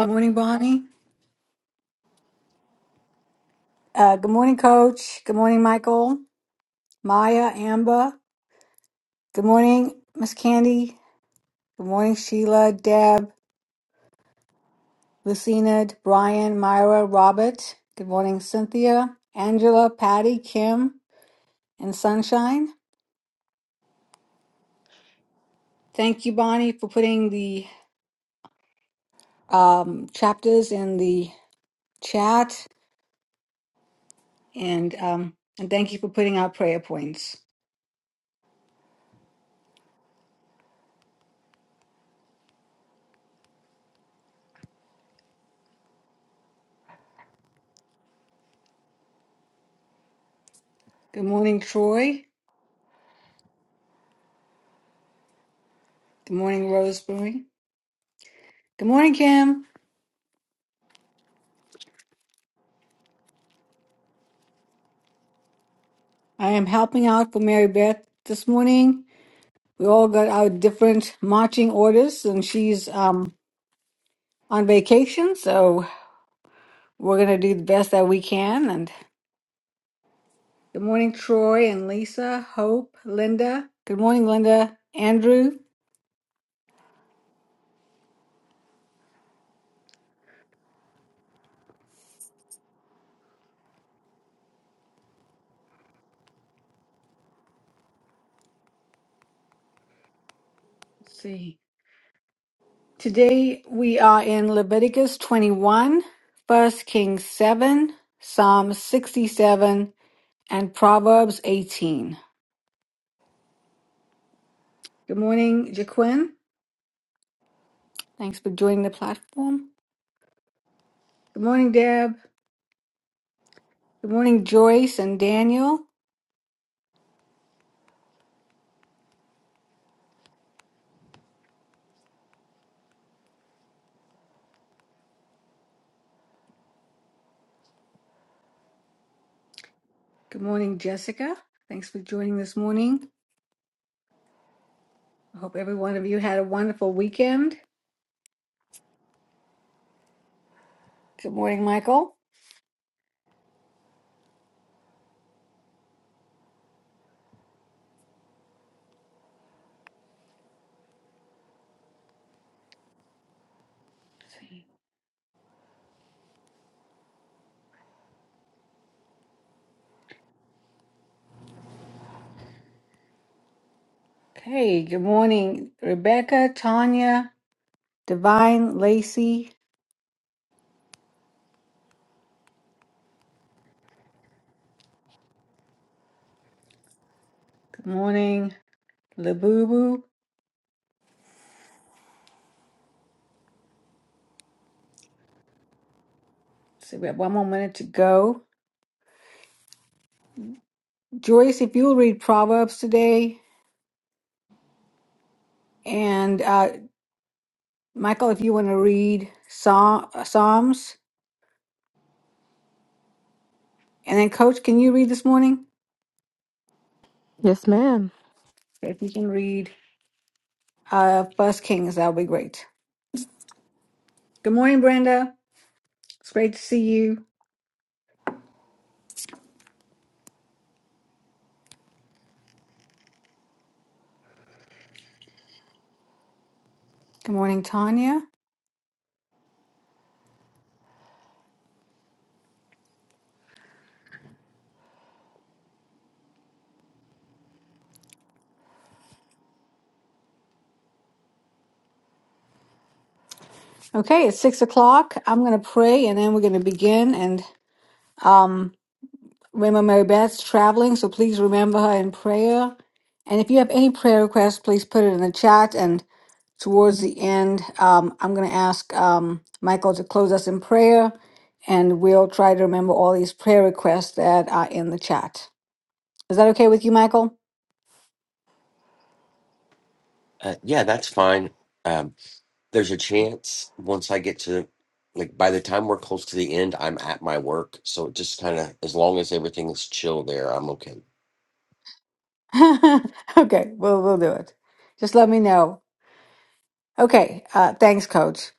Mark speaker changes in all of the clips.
Speaker 1: Good morning, Bonnie. Uh, good morning, Coach. Good morning, Michael, Maya, Amber. Good morning, Miss Candy. Good morning, Sheila, Deb, Lucina, Brian, Myra, Robert. Good morning, Cynthia, Angela, Patty, Kim, and Sunshine. Thank you, Bonnie, for putting the um, chapters in the chat, and um, and thank you for putting out prayer points. Good morning, Troy. Good morning, Rosemary. Good morning, Kim. I am helping out for Mary Beth this morning. We all got our different marching orders, and she's um, on vacation, so we're going to do the best that we can. And good morning, Troy and Lisa, Hope, Linda. Good morning, Linda, Andrew. Let's see. Today we are in Leviticus 21, First Kings 7, Psalm 67, and Proverbs 18. Good morning, Jaquin. Thanks for joining the platform. Good morning, Deb. Good morning, Joyce and Daniel. Good morning, Jessica. Thanks for joining this morning. I hope every one of you had a wonderful weekend. Good morning, Michael. Okay, good morning, Rebecca, Tanya, Divine, Lacey. Good morning, Labubu. So we have one more minute to go. Joyce, if you'll read Proverbs today, and uh, Michael, if you want to read Psal- Psalms, and then Coach, can you read this morning?
Speaker 2: Yes, ma'am.
Speaker 1: If you can read. out of First Kings. That'll be great. Good morning, Brenda. It's great to see you. Good morning, Tanya. Okay, it's six o'clock. I'm going to pray and then we're going to begin. And um, remember, Mary Beth's traveling, so please remember her in prayer. And if you have any prayer requests, please put it in the chat. And towards the end, um, I'm going to ask um, Michael to close us in prayer. And we'll try to remember all these prayer requests that are in the chat. Is that okay with you, Michael?
Speaker 3: Uh, yeah, that's fine. Um, there's a chance once I get to, like, by the time we're close to the end, I'm at my work. So it just kind of, as long as everything's chill there, I'm okay.
Speaker 1: okay, we'll we'll do it. Just let me know. Okay, uh, thanks, Coach.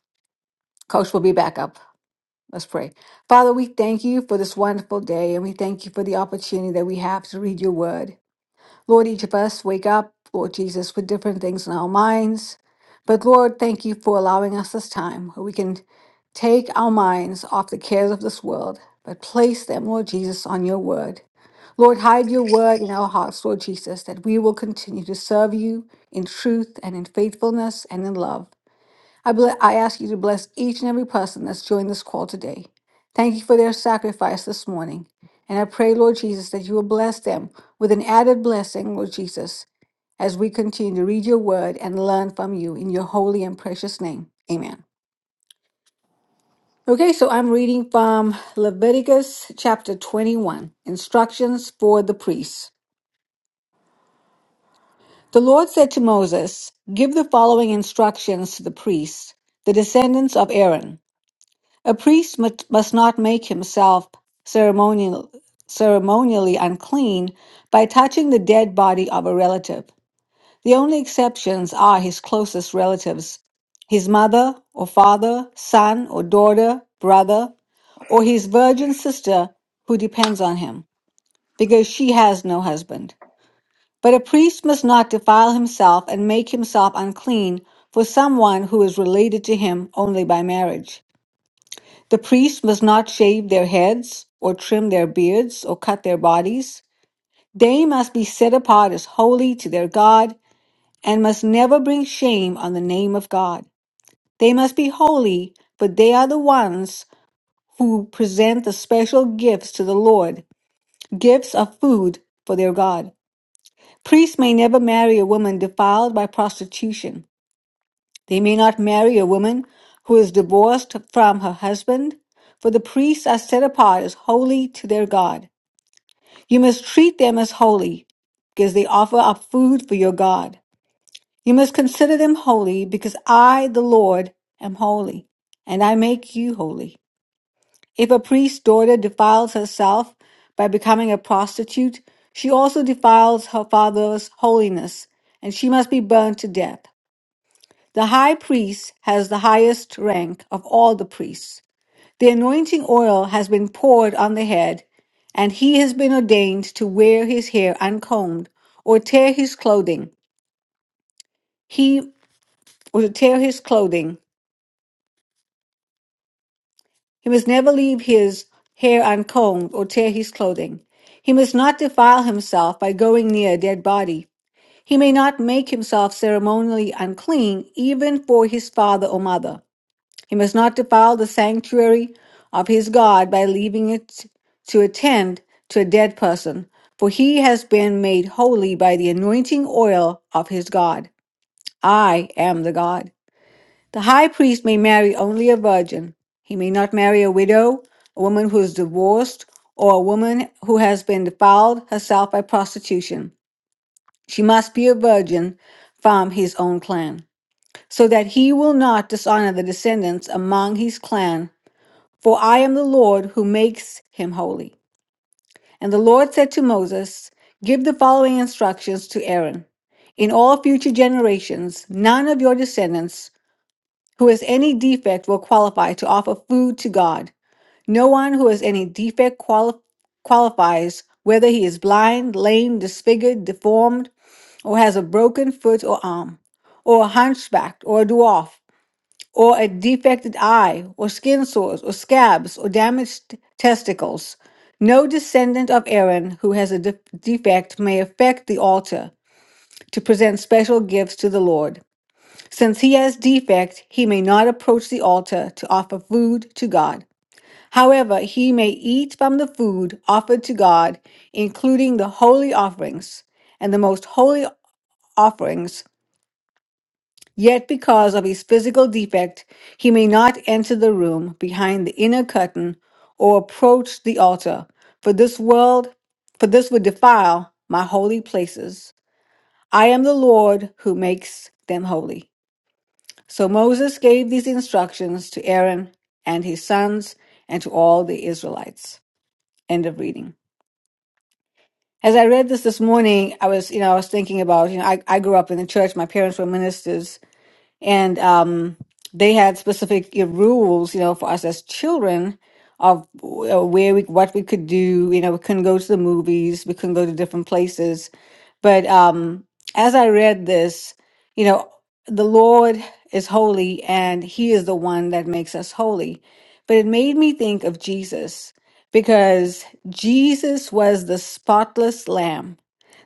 Speaker 1: Coach will be back up. Let's pray. Father, we thank you for this wonderful day, and we thank you for the opportunity that we have to read your word. Lord, each of us wake up, Lord Jesus, with different things in our minds. But Lord, thank you for allowing us this time where we can take our minds off the cares of this world, but place them, Lord Jesus, on your word. Lord, hide your word in our hearts, Lord Jesus, that we will continue to serve you in truth and in faithfulness and in love. I, ble- I ask you to bless each and every person that's joined this call today. Thank you for their sacrifice this morning. And I pray, Lord Jesus, that you will bless them with an added blessing, Lord Jesus, as we continue to read your word and learn from you in your holy and precious name. Amen. Okay, so I'm reading from Leviticus chapter 21 Instructions for the Priests. The Lord said to Moses, Give the following instructions to the priests, the descendants of Aaron. A priest mut- must not make himself ceremonial, ceremonially unclean by touching the dead body of a relative. The only exceptions are his closest relatives, his mother or father, son or daughter, brother, or his virgin sister who depends on him, because she has no husband. But a priest must not defile himself and make himself unclean for someone who is related to him only by marriage. The priest must not shave their heads, or trim their beards, or cut their bodies. They must be set apart as holy to their God, and must never bring shame on the name of God. They must be holy, but they are the ones who present the special gifts to the Lord, gifts of food for their God. Priests may never marry a woman defiled by prostitution. They may not marry a woman who is divorced from her husband, for the priests are set apart as holy to their God. You must treat them as holy, because they offer up food for your God. You must consider them holy, because I, the Lord, am holy, and I make you holy. If a priest's daughter defiles herself by becoming a prostitute, she also defiles her father's holiness, and she must be burned to death. The high priest has the highest rank of all the priests. The anointing oil has been poured on the head, and he has been ordained to wear his hair uncombed or tear his clothing. He or to tear his clothing. He must never leave his hair uncombed or tear his clothing. He must not defile himself by going near a dead body. He may not make himself ceremonially unclean even for his father or mother. He must not defile the sanctuary of his God by leaving it to attend to a dead person, for he has been made holy by the anointing oil of his God. I am the God. The high priest may marry only a virgin. He may not marry a widow, a woman who is divorced, or a woman who has been defiled herself by prostitution. She must be a virgin from his own clan, so that he will not dishonor the descendants among his clan for I am the Lord who makes him holy. And the Lord said to Moses, Give the following instructions to Aaron. In all future generations, none of your descendants who has any defect will qualify to offer food to God. No one who has any defect quali- qualifies, whether he is blind, lame, disfigured, deformed, or has a broken foot or arm, or a hunchback, or a dwarf or a defected eye, or skin sores, or scabs, or damaged testicles. No descendant of Aaron who has a de- defect may affect the altar to present special gifts to the Lord. Since he has defect, he may not approach the altar to offer food to God. However, he may eat from the food offered to God, including the holy offerings and the most holy offerings Yet, because of his physical defect, he may not enter the room behind the inner curtain or approach the altar, for this world, for this would defile my holy places. I am the Lord who makes them holy. So Moses gave these instructions to Aaron and his sons and to all the Israelites. End of reading. As I read this this morning, I was, you know, I was thinking about, you know, I, I grew up in the church. My parents were ministers and um, they had specific uh, rules, you know, for us as children of w- uh, where we what we could do. You know, we couldn't go to the movies, we couldn't go to different places. But um, as I read this, you know, the Lord is holy, and He is the one that makes us holy. But it made me think of Jesus because Jesus was the spotless Lamb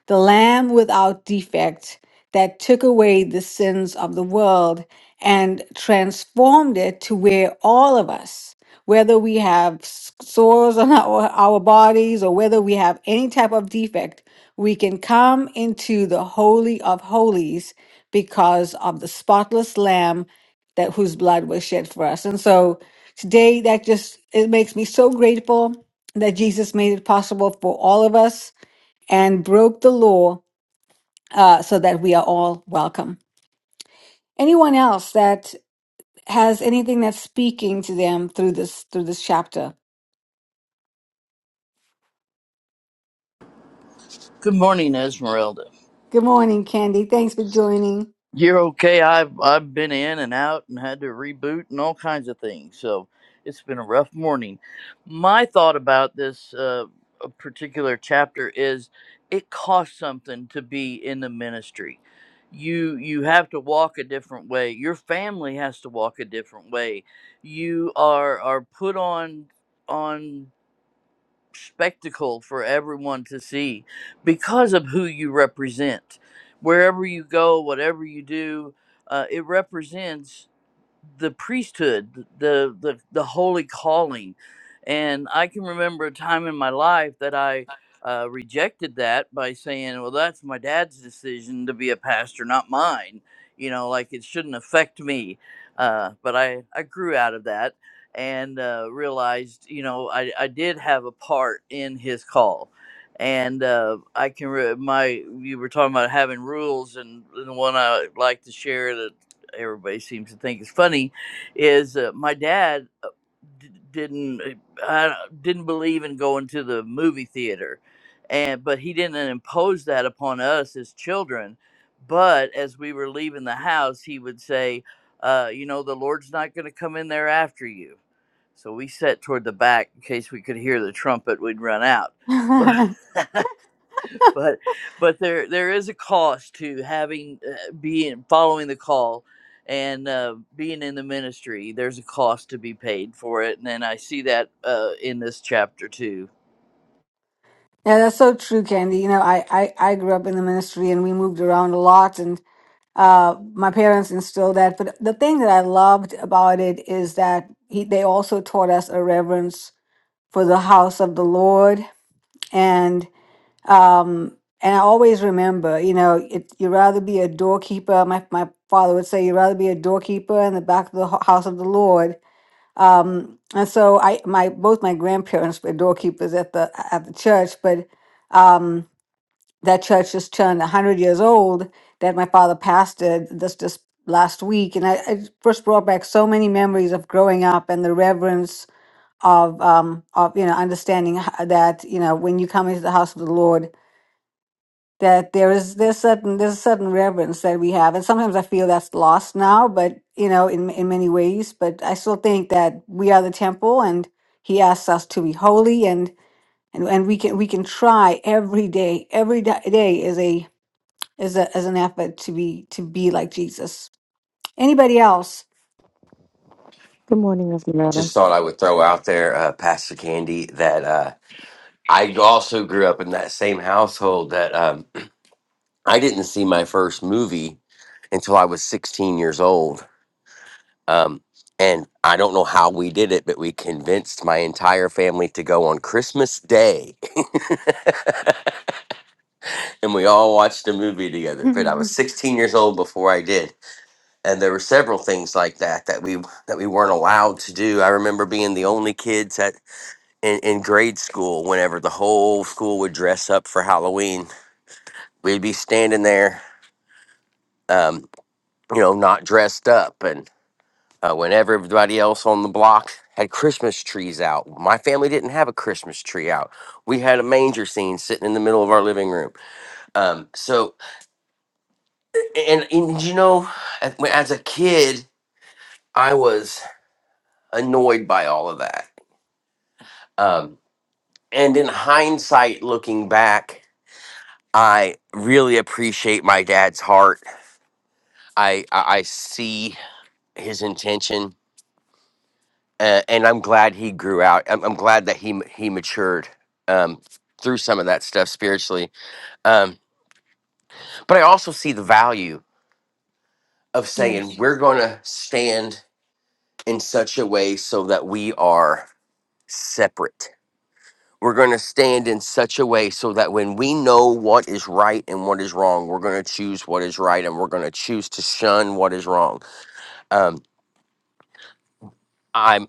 Speaker 1: the Lamb without defect that took away the sins of the world and transformed it to where all of us, whether we have s- sores on our, our bodies or whether we have any type of defect, we can come into the Holy of Holies because of the spotless Lamb that whose blood was shed for us. And so today that just it makes me so grateful that Jesus made it possible for all of us and broke the law uh, so that we are all welcome. Anyone else that has anything that's speaking to them through this through this chapter?
Speaker 4: Good morning, Esmeralda.
Speaker 1: Good morning, Candy. Thanks for joining.
Speaker 4: You're okay. I've I've been in and out and had to reboot and all kinds of things. So it's been a rough morning. My thought about this uh, particular chapter is it costs something to be in the ministry. You you have to walk a different way. Your family has to walk a different way. You are are put on on spectacle for everyone to see because of who you represent. Wherever you go, whatever you do, uh, it represents the priesthood, the the the holy calling, and I can remember a time in my life that I uh, rejected that by saying, "Well, that's my dad's decision to be a pastor, not mine." You know, like it shouldn't affect me. Uh, but I I grew out of that and uh, realized, you know, I I did have a part in his call. And uh, I can re- my you were talking about having rules, and, and the one I like to share that everybody seems to think is funny is uh, my dad uh, d- didn't uh, didn't believe in going to the movie theater and but he didn't impose that upon us as children but as we were leaving the house he would say uh, you know the lord's not going to come in there after you so we sat toward the back in case we could hear the trumpet we'd run out
Speaker 1: yeah,
Speaker 4: but but but there there is a cost to having uh, being following the call and uh, being in the ministry there's a cost to be paid for it and then i see that uh, in this chapter too
Speaker 1: that's so true, Candy. You know, I, I I grew up in the ministry and we moved around a lot, and uh, my parents instilled that. But the thing that I loved about it is that he, they also taught us a reverence for the house of the Lord. And um, and I always remember, you know, it, you'd rather be a doorkeeper. My my father would say, you'd rather be a doorkeeper in the back of the ho- house of the Lord. Um, and so I my both my grandparents were doorkeepers at the at the church, but um, that church just turned a hundred years old. That my father pastored this just last week, and I, I first brought back so many memories of growing up and the reverence of um of you know understanding h- that you know when you come into the house of the Lord that there is there's certain there's a certain reverence that we have and sometimes I feel that's lost now but you know in in many ways but I still think that we are the temple and he asks us to be holy and and, and we can we can try every day every da- day is a is a as an effort to be to be like Jesus anybody else
Speaker 2: Good morning, Miss Loretta.
Speaker 3: Just thought I would throw out there, uh, Pastor Candy, that uh, I also grew up in that same household that um, I didn't see my first movie until I was 16 years old. Um, and I don't know how we did it, but we convinced my entire family to go on Christmas Day. and we all watched a movie together. But I was 16 years old before I did, and there were several things like that that we that we weren't allowed to do. I remember being the only kids at in, in grade school. Whenever the whole school would dress up for Halloween, we'd be standing there, um, you know, not dressed up, and uh, when everybody else on the block had Christmas trees out, my family didn't have a Christmas tree out. We had a manger scene sitting in the middle of our living room. Um, so and, and you know, as when- as a kid, I was annoyed by all of that. Um, and in hindsight, looking back, I really appreciate my dad's heart. I I, I see his intention, uh, and I'm glad he grew out. I'm, I'm glad that he ma- he matured um, through some of that stuff spiritually. Um, but I also see the value of saying
Speaker 1: yes
Speaker 3: we're going to stand in such a way so that we are separate we're going to stand in such a way so that when we know what is right and what is wrong, we're going to choose what is right and we're going to choose to shun what is wrong. Um, I'm,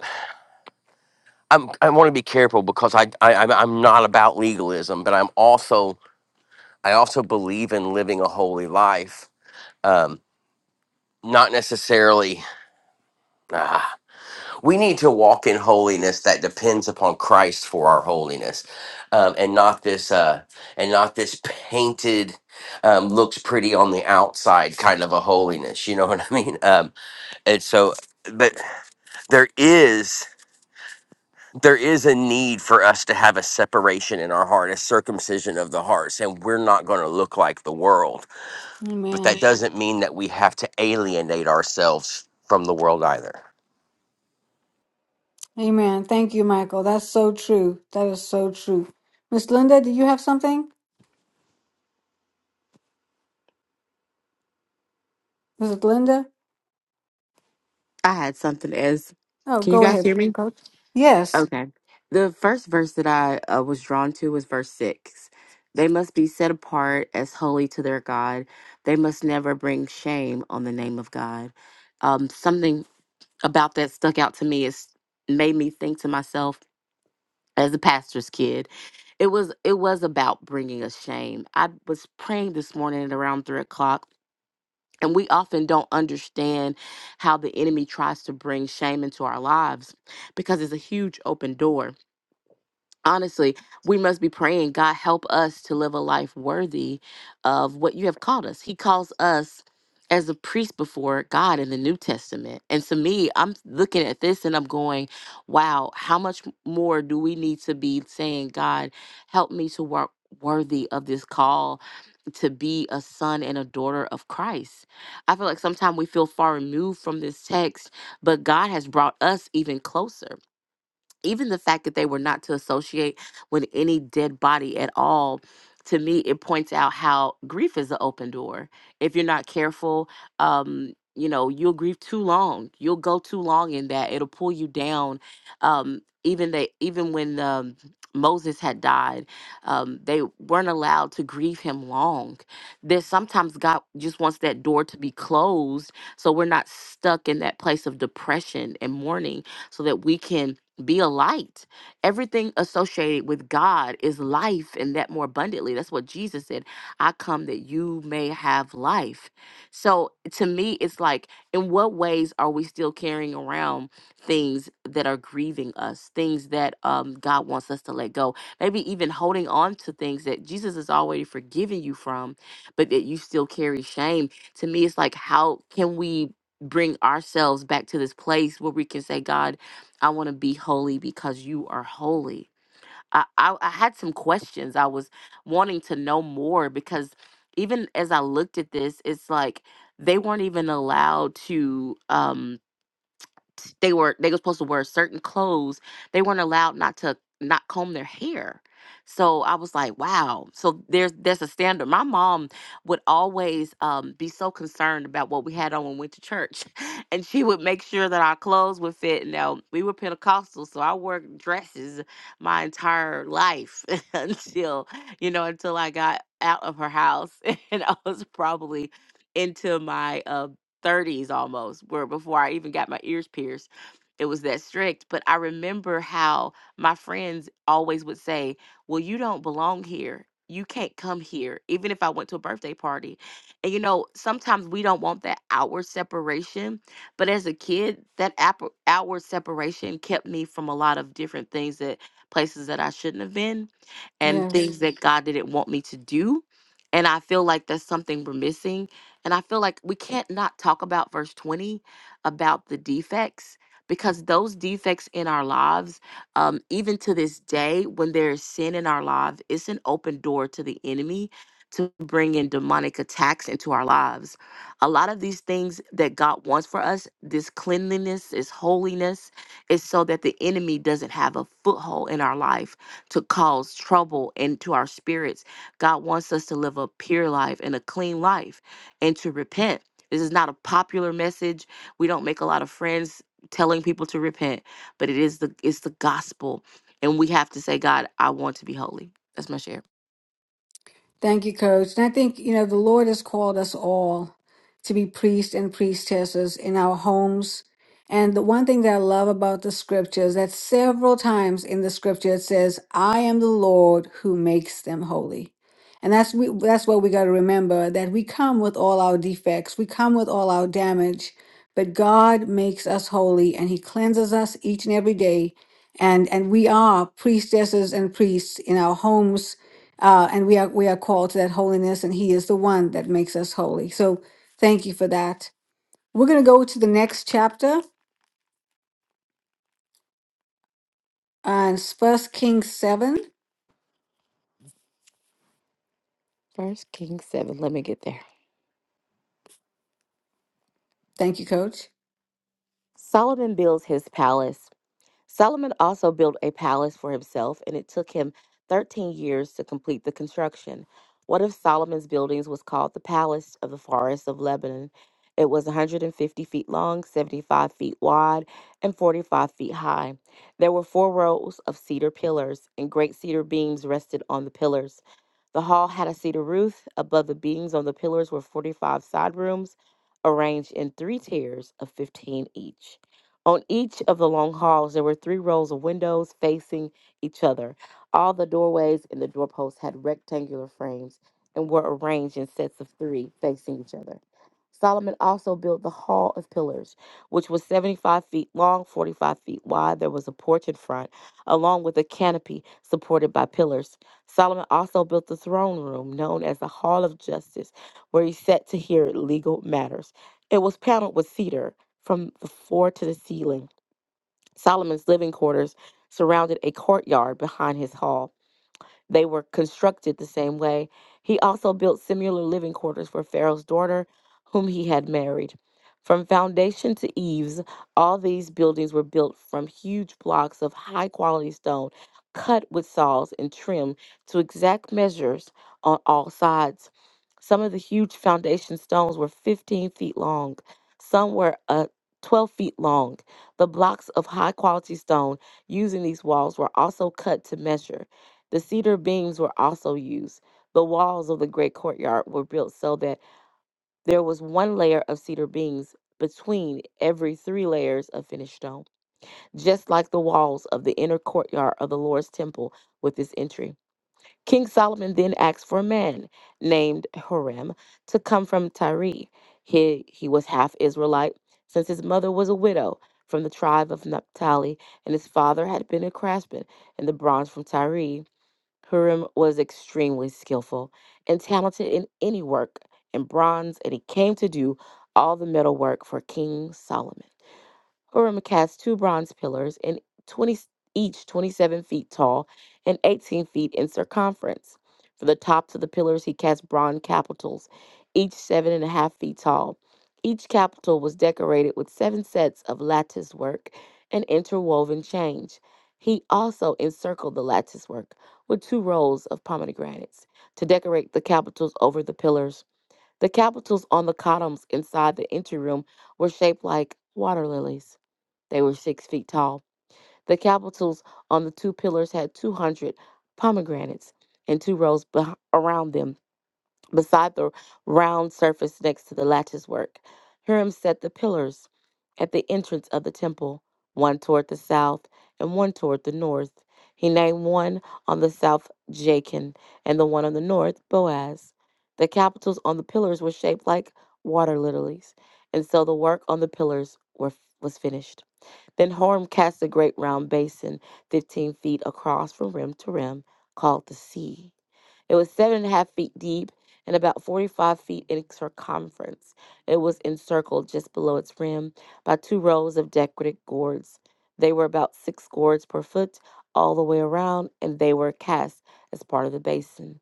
Speaker 3: I'm, I want to be careful because I, I, I'm I'm not about legalism, but I'm also, I also believe in living a holy life. Um, not necessarily. ah, we need to walk in holiness that depends upon Christ for our holiness, um, and not this uh, and not this painted um, looks pretty on the outside kind of a holiness. You know what I mean? Um, and so, but there is there is a need for us to have a separation in our heart, a circumcision of the hearts, and we're not going to look like the world. But
Speaker 1: amen
Speaker 3: that doesn't mean that we have to alienate ourselves from the world either.
Speaker 1: Amen. Thank you, Michael. That's so true. That is so true. Miss Linda, do you have something? Is it Linda?
Speaker 2: I had something as.
Speaker 1: Oh,
Speaker 2: Can you
Speaker 1: go
Speaker 2: guys
Speaker 1: ahead,
Speaker 2: hear me?
Speaker 1: Coach. Yes.
Speaker 2: Okay. The first verse that I uh, was drawn to was verse six. They must be set apart as holy to their God. They must never bring shame on the name of God. Um, something about that stuck out to me. It's made me think to myself as a pastor's kid. It was it was about bringing a shame. I was praying this morning at around three o'clock And we often don't understand how the enemy tries to bring shame into our lives because it's a huge open door honestly, we must be praying, God, help us to live a life worthy of what you have called us. He calls us as a priest before God in the New Testament. And to me, I'm looking at this and I'm going, wow, how much more do we need to be saying, God, help me to work worthy of this call to be a son and a daughter of Christ. I feel like sometimes we feel far removed from this text, but God has brought us even closer even the fact that they were not to associate with any dead body at all to me it points out how grief is an open door if you're not careful um you know you'll grieve too long you'll go too long in that it'll pull you down um even they even when um Moses had died. Um, they weren't allowed to grieve him long. There's sometimes God just wants that door to be closed so we're not stuck in that place of depression and mourning so that we can be a light. Everything associated with God is life and that more abundantly. That's what Jesus said. I come that you may have life. So to me, it's like, in what ways are we still carrying around things that are grieving us, things that um, God wants us to let go? Maybe even holding on to things that Jesus has already forgiven you from, but that you still carry shame. To me, it's like, how can we? Bring ourselves back to this place where we can say, God, I want to be holy because you are holy. I, I, I had some questions. I was wanting to know more because even as I looked at this, it's like they weren't even allowed to. Um, they were they were supposed to wear certain clothes. They weren't allowed not to not comb their hair. So I was like, wow. So there's there's a standard. My mom would always um, be so concerned about what we had on when we went to church, and she would make sure that our clothes would fit. Now we were Pentecostal, so I wore dresses my entire life until you know until I got out of her house, and I was probably into my uh, 30s almost where before i even got my ears pierced it was that strict but i remember how my friends always would say well you don't belong here you can't come here even if i went to a birthday party and you know sometimes we don't want that outward separation but as a kid that app- outward separation kept me from a lot of different things that places that i shouldn't have been and
Speaker 1: Yes.
Speaker 2: things Mhm. that god didn't want me to do and i feel like that's something we're missing and I feel like we can't not talk about verse 20 about the defects because those defects in our lives, um, even to this day, when there is sin in our lives, it's an open door to the enemy to bring in demonic attacks into our lives. A lot of these things that God wants for us, this cleanliness, this holiness, is so that the enemy doesn't have a foothold in our life to cause trouble into our spirits. God wants us to live a pure life and a clean life and to repent. This is not a popular message. We don't make a lot of friends telling people to repent, but it is the it's the gospel. And we have to say, God, I want to be holy. That's my share.
Speaker 1: Thank you, Coach. And I think, you know, the Lord has called us all to be priests and priestesses in our homes. And the one thing that I love about the scripture is that several times in the scripture it says, I am the Lord who makes them holy. And that's we, that's what we got to remember that we come with all our defects, we come with all our damage, but God makes us holy and he cleanses us each and every day. And and we are priestesses and priests in our homes uh, and we are we are called to that holiness, and He is the one that makes us holy. So thank you for that. We're gonna go to the next chapter on First Kings seven.
Speaker 2: First King seven. Let me get there.
Speaker 1: Thank you, Coach.
Speaker 2: Solomon builds his palace. Solomon also built a palace for himself, and it took him 13 years to complete the construction. One of Solomon's buildings was called the Palace of the Forest of Lebanon. It was 150 feet long, 75 feet wide, and 45 feet high. There were four rows of cedar pillars, and great cedar beams rested on the pillars. The hall had a cedar roof. Above the beams on the pillars were 45 side rooms, arranged in three tiers of 15 each. On each of the long halls, there were three rows of windows facing each other. All the doorways and the doorposts had rectangular frames and were arranged in sets of three facing each other. Solomon also built the Hall of Pillars, which was 75 feet long, 45 feet wide. There was a porch in front, along with a canopy supported by pillars. Solomon also built the throne room, known as the Hall of Justice, where he sat to hear legal matters. It was paneled with cedar from the floor to the ceiling. Solomon's living quarters surrounded a courtyard behind his hall. They were constructed the same way. He also built similar living quarters for Pharaoh's daughter, whom he had married. From foundation to eaves, all these buildings were built from huge blocks of high quality stone, cut with saws and trimmed to exact measures on all sides. Some of the huge foundation stones were 15 feet long, some were uh, 12 feet long. The blocks of high quality stone used in these walls were also cut to measure. The cedar beams were also used. The walls of the great courtyard were built so that there was one layer of cedar beams between every three layers of finished stone, just like the walls of the inner courtyard of the Lord's temple with this entry. King Solomon then asked for a man named Hiram to come from Tyre. He, he was half Israelite, since his mother was a widow from the tribe of Naphtali, and his father had been a craftsman in the bronze from Tyre. Purim was extremely skillful and talented in any work in bronze, and he came to do all the metal work for King Solomon. Purim cast two bronze pillars, and twenty each twenty-seven feet tall and eighteen feet in circumference. For the tops of the pillars, he cast bronze capitals, each seven and a half feet tall. Each capital was decorated with seven sets of lattice work and interwoven change. He also encircled the lattice work with two rows of pomegranates to decorate the capitals over the pillars. The capitals on the columns inside the entry room were shaped like water lilies. They were six feet tall. The capitals on the two pillars had 200 pomegranates in two rows beh around them, beside the round surface next to the lattice work. Hiram set the pillars at the entrance of the temple, one toward the south and one toward the north. He named one on the south Jachin and the one on the north Boaz. The capitals on the pillars were shaped like water lilies, and so the work on the pillars were, was finished. Then Horm cast a great round basin, 15 feet across from rim to rim, called the sea. It was seven and a half feet deep and about 45 feet in circumference. It was encircled just below its rim by two rows of decorative gourds. They were about six gourds per foot all the way around, and they were cast as part of the basin.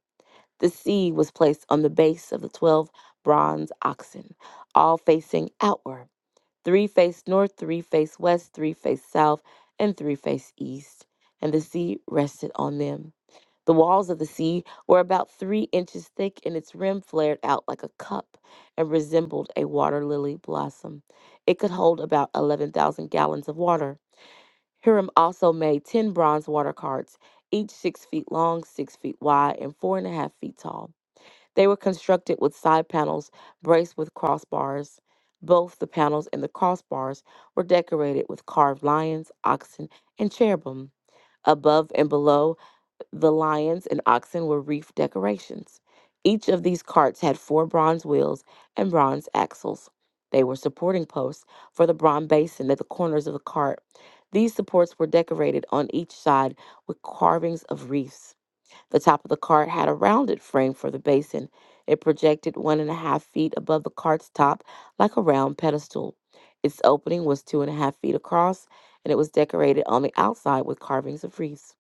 Speaker 2: The sea was placed on the base of the 12 bronze oxen, all facing outward three face north, three face west, three face south, and three face east. And the sea rested on them. The walls of the sea were about three inches thick, and its rim flared out like a cup and resembled a water lily blossom. It could hold about 11,000 gallons of water. Hiram also made 10 bronze water carts, each six feet long, six feet wide, and four and a half feet tall. They were constructed with side panels braced with crossbars. Both the panels and the crossbars were decorated with carved lions, oxen, and cherubim. Above and below the lions and oxen were wreath decorations. Each of these carts had four bronze wheels and bronze axles. They were supporting posts for the bronze basin at the corners of the cart. These supports were decorated on each side with carvings of wreaths. The top of the cart had a rounded frame for the basin. It projected one and a half feet above the cart's top like a round pedestal. Its opening was two and a half feet across, and it was decorated on the outside with carvings of wreaths.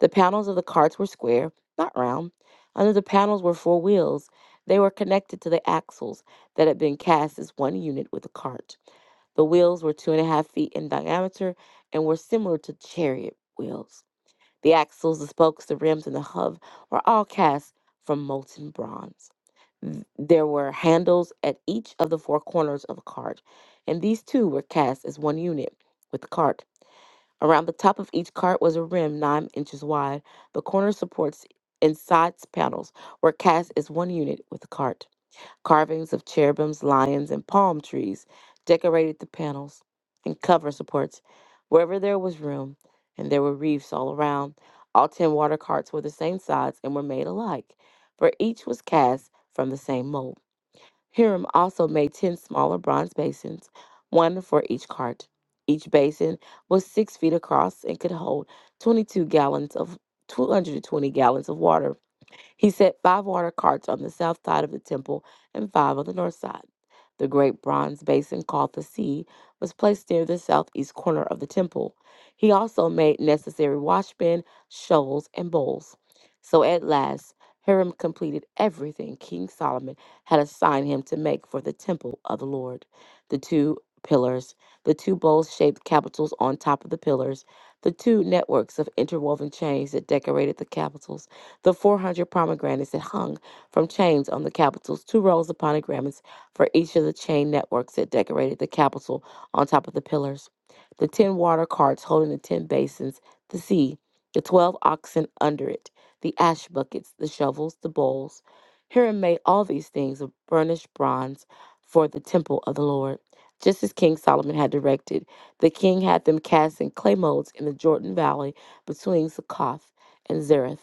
Speaker 2: The panels of the carts were square, not round. Under the panels were four wheels. They were connected to the axles that had been cast as one unit with the cart. The wheels were two and a half feet in diameter and were similar to chariot wheels. The axles, the spokes, the rims, and the hub were all cast from molten bronze. There were handles at each of the four corners of a cart, and these too were cast as one unit with the cart. Around the top of each cart was a rim nine inches wide. The corner supports and sides panels were cast as one unit with the cart. Carvings of cherubims, lions, and palm trees decorated the panels and cover supports wherever there was room, and there were reefs all around. All ten water carts were the same size and were made alike, for each was cast from the same mold. Hiram also made ten smaller bronze basins, one for each cart. Each basin was six feet across and could hold 22 gallons of 220 gallons of water. He set five water carts on the south side of the temple and five on the north side. The great bronze basin called the sea was placed near the southeast corner of the temple. He also made necessary washbin, shoals, and bowls. So at last, Hiram completed everything King Solomon had assigned him to make for the temple of the Lord. The two pillars, the two bowl shaped capitals on top of the pillars, the two networks of interwoven chains that decorated the capitals the 400 pomegranates that hung from chains on the capitals, two rows of pomegranates for each of the chain networks that decorated the capital on top of the pillars, the 10 water carts holding the 10 basins, the sea, the 12 oxen under it, the ash buckets, the shovels, the bowls. Hiram made all these things of burnished bronze for the temple of the Lord. Just as King Solomon had directed, the king had them cast in clay molds in the Jordan Valley between Succoth and Zareth.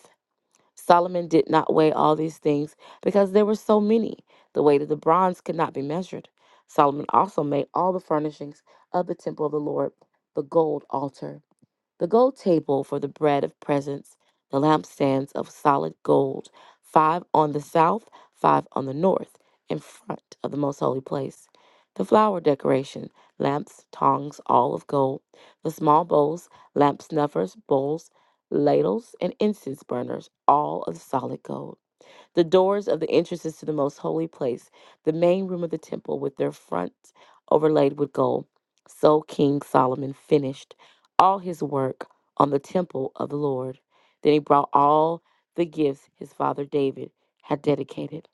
Speaker 2: Solomon did not weigh all these things because there were so many. The weight of the bronze could not be measured. Solomon also made all the furnishings of the temple of the Lord, the gold altar. The gold table for the bread of presence, the lampstands of solid gold, five on the south, five on the north, in front of the most holy place. The flower decoration, lamps, tongs, all of gold. The small bowls, lamp snuffers, bowls, ladles, and incense burners, all of solid gold. The doors of the entrances to the most holy place, the main room of the temple with their fronts overlaid with gold. So King Solomon finished all his work on the temple of the Lord. Then he brought all the gifts his father David had dedicated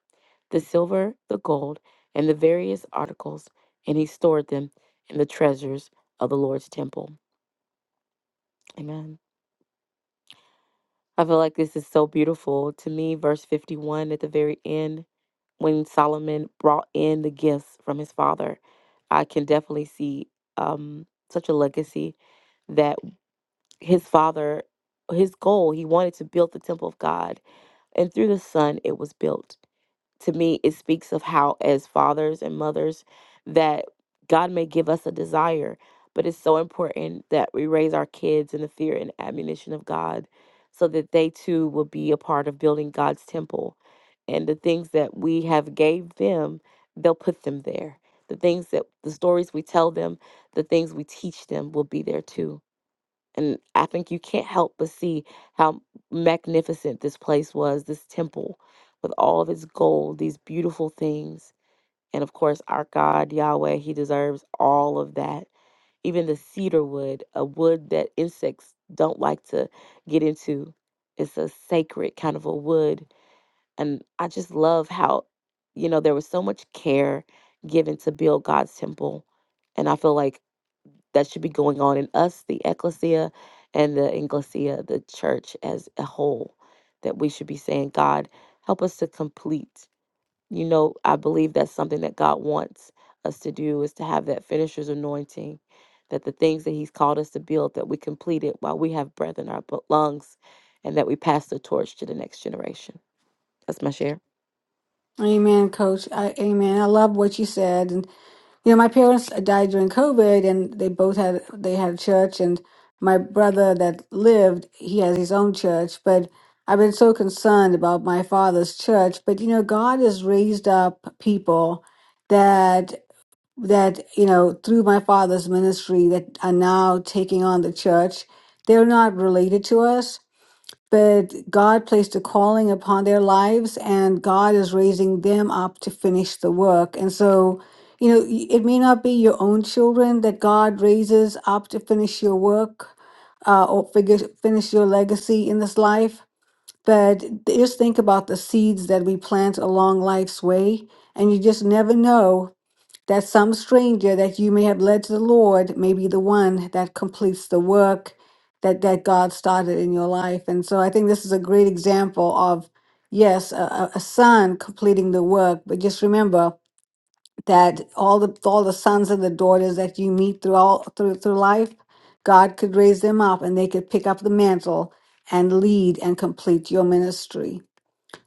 Speaker 2: the silver, the gold, and the various articles, and he stored them in the treasures of the Lord's temple. Amen. I feel like this is so beautiful. To me, verse 51 at the very end, when Solomon brought in the gifts from his father, I can definitely see um, such a legacy that his father, his goal, he wanted to build the temple of God. And through the son, it was built to me it speaks of how as fathers and mothers that god may give us a desire but it's so important that we raise our kids in the fear and admonition of god so that they too will be a part of building god's temple and the things that we have gave them they'll put them there the things that the stories we tell them the things we teach them will be there too and I think you can't help but see how magnificent this place was, this temple with all of its gold, these beautiful things. And of course, our God, Yahweh, He deserves all of that. Even the cedar wood, a wood that insects don't like to get into, it's a sacred kind of a wood. And I just love how, you know, there was so much care given to build God's temple. And I feel like that should be going on in us, the ecclesia, and the inglesia, the church as a whole. That we should be saying, God, help us to complete. You know, I believe that's something that God wants us to do is to have that finisher's anointing, that the things that He's called us to build, that we complete it while we have breath in our bu- lungs, and that we pass the torch to the next generation. That's my share.
Speaker 1: Amen, Coach. I, amen. I love what you said, and you know my parents died during COVID, and they both had they had a church, and my brother that lived he has his own church, but. I've been so concerned about my father's church, but you know, God has raised up people that. that you know through my father's ministry that are now taking on the church they're not related to us but god placed a calling upon their lives and god is raising them up to finish the work and so you know y- it may not be your own children that god raises up to finish your work uh, or figure, finish your legacy in this life but just think about the seeds that we plant along life's way and you just never know that some stranger that you may have led to the Lord may be the one that completes the work that that God started in your life. And so I think this is a great example of yes, a, a a son completing the work, but just remember that all the all the sons and the daughters that you meet through all through through life, God could raise them up and they could pick up the mantle and lead and complete your ministry.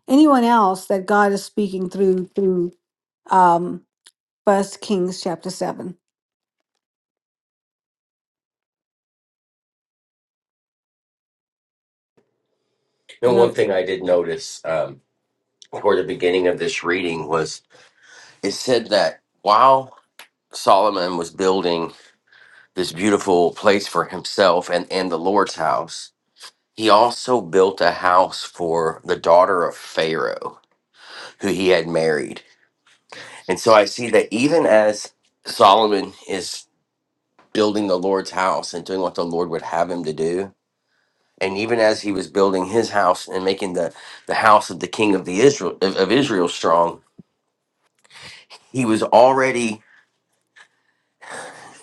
Speaker 1: Anyone else that God is speaking through through um First Kings chapter seven.
Speaker 3: And
Speaker 1: No,
Speaker 3: one thing I did notice. Um, toward the beginning of this reading was it said that while Solomon was building this beautiful place for himself and, and the Lord's house, he also built a house for the daughter of Pharaoh, who he had married. And so I see that even as Solomon is building the Lord's house and doing what the Lord would have him to do, and even as he was building his house and making the, the house of the king of the Israel of, of Israel strong, he was already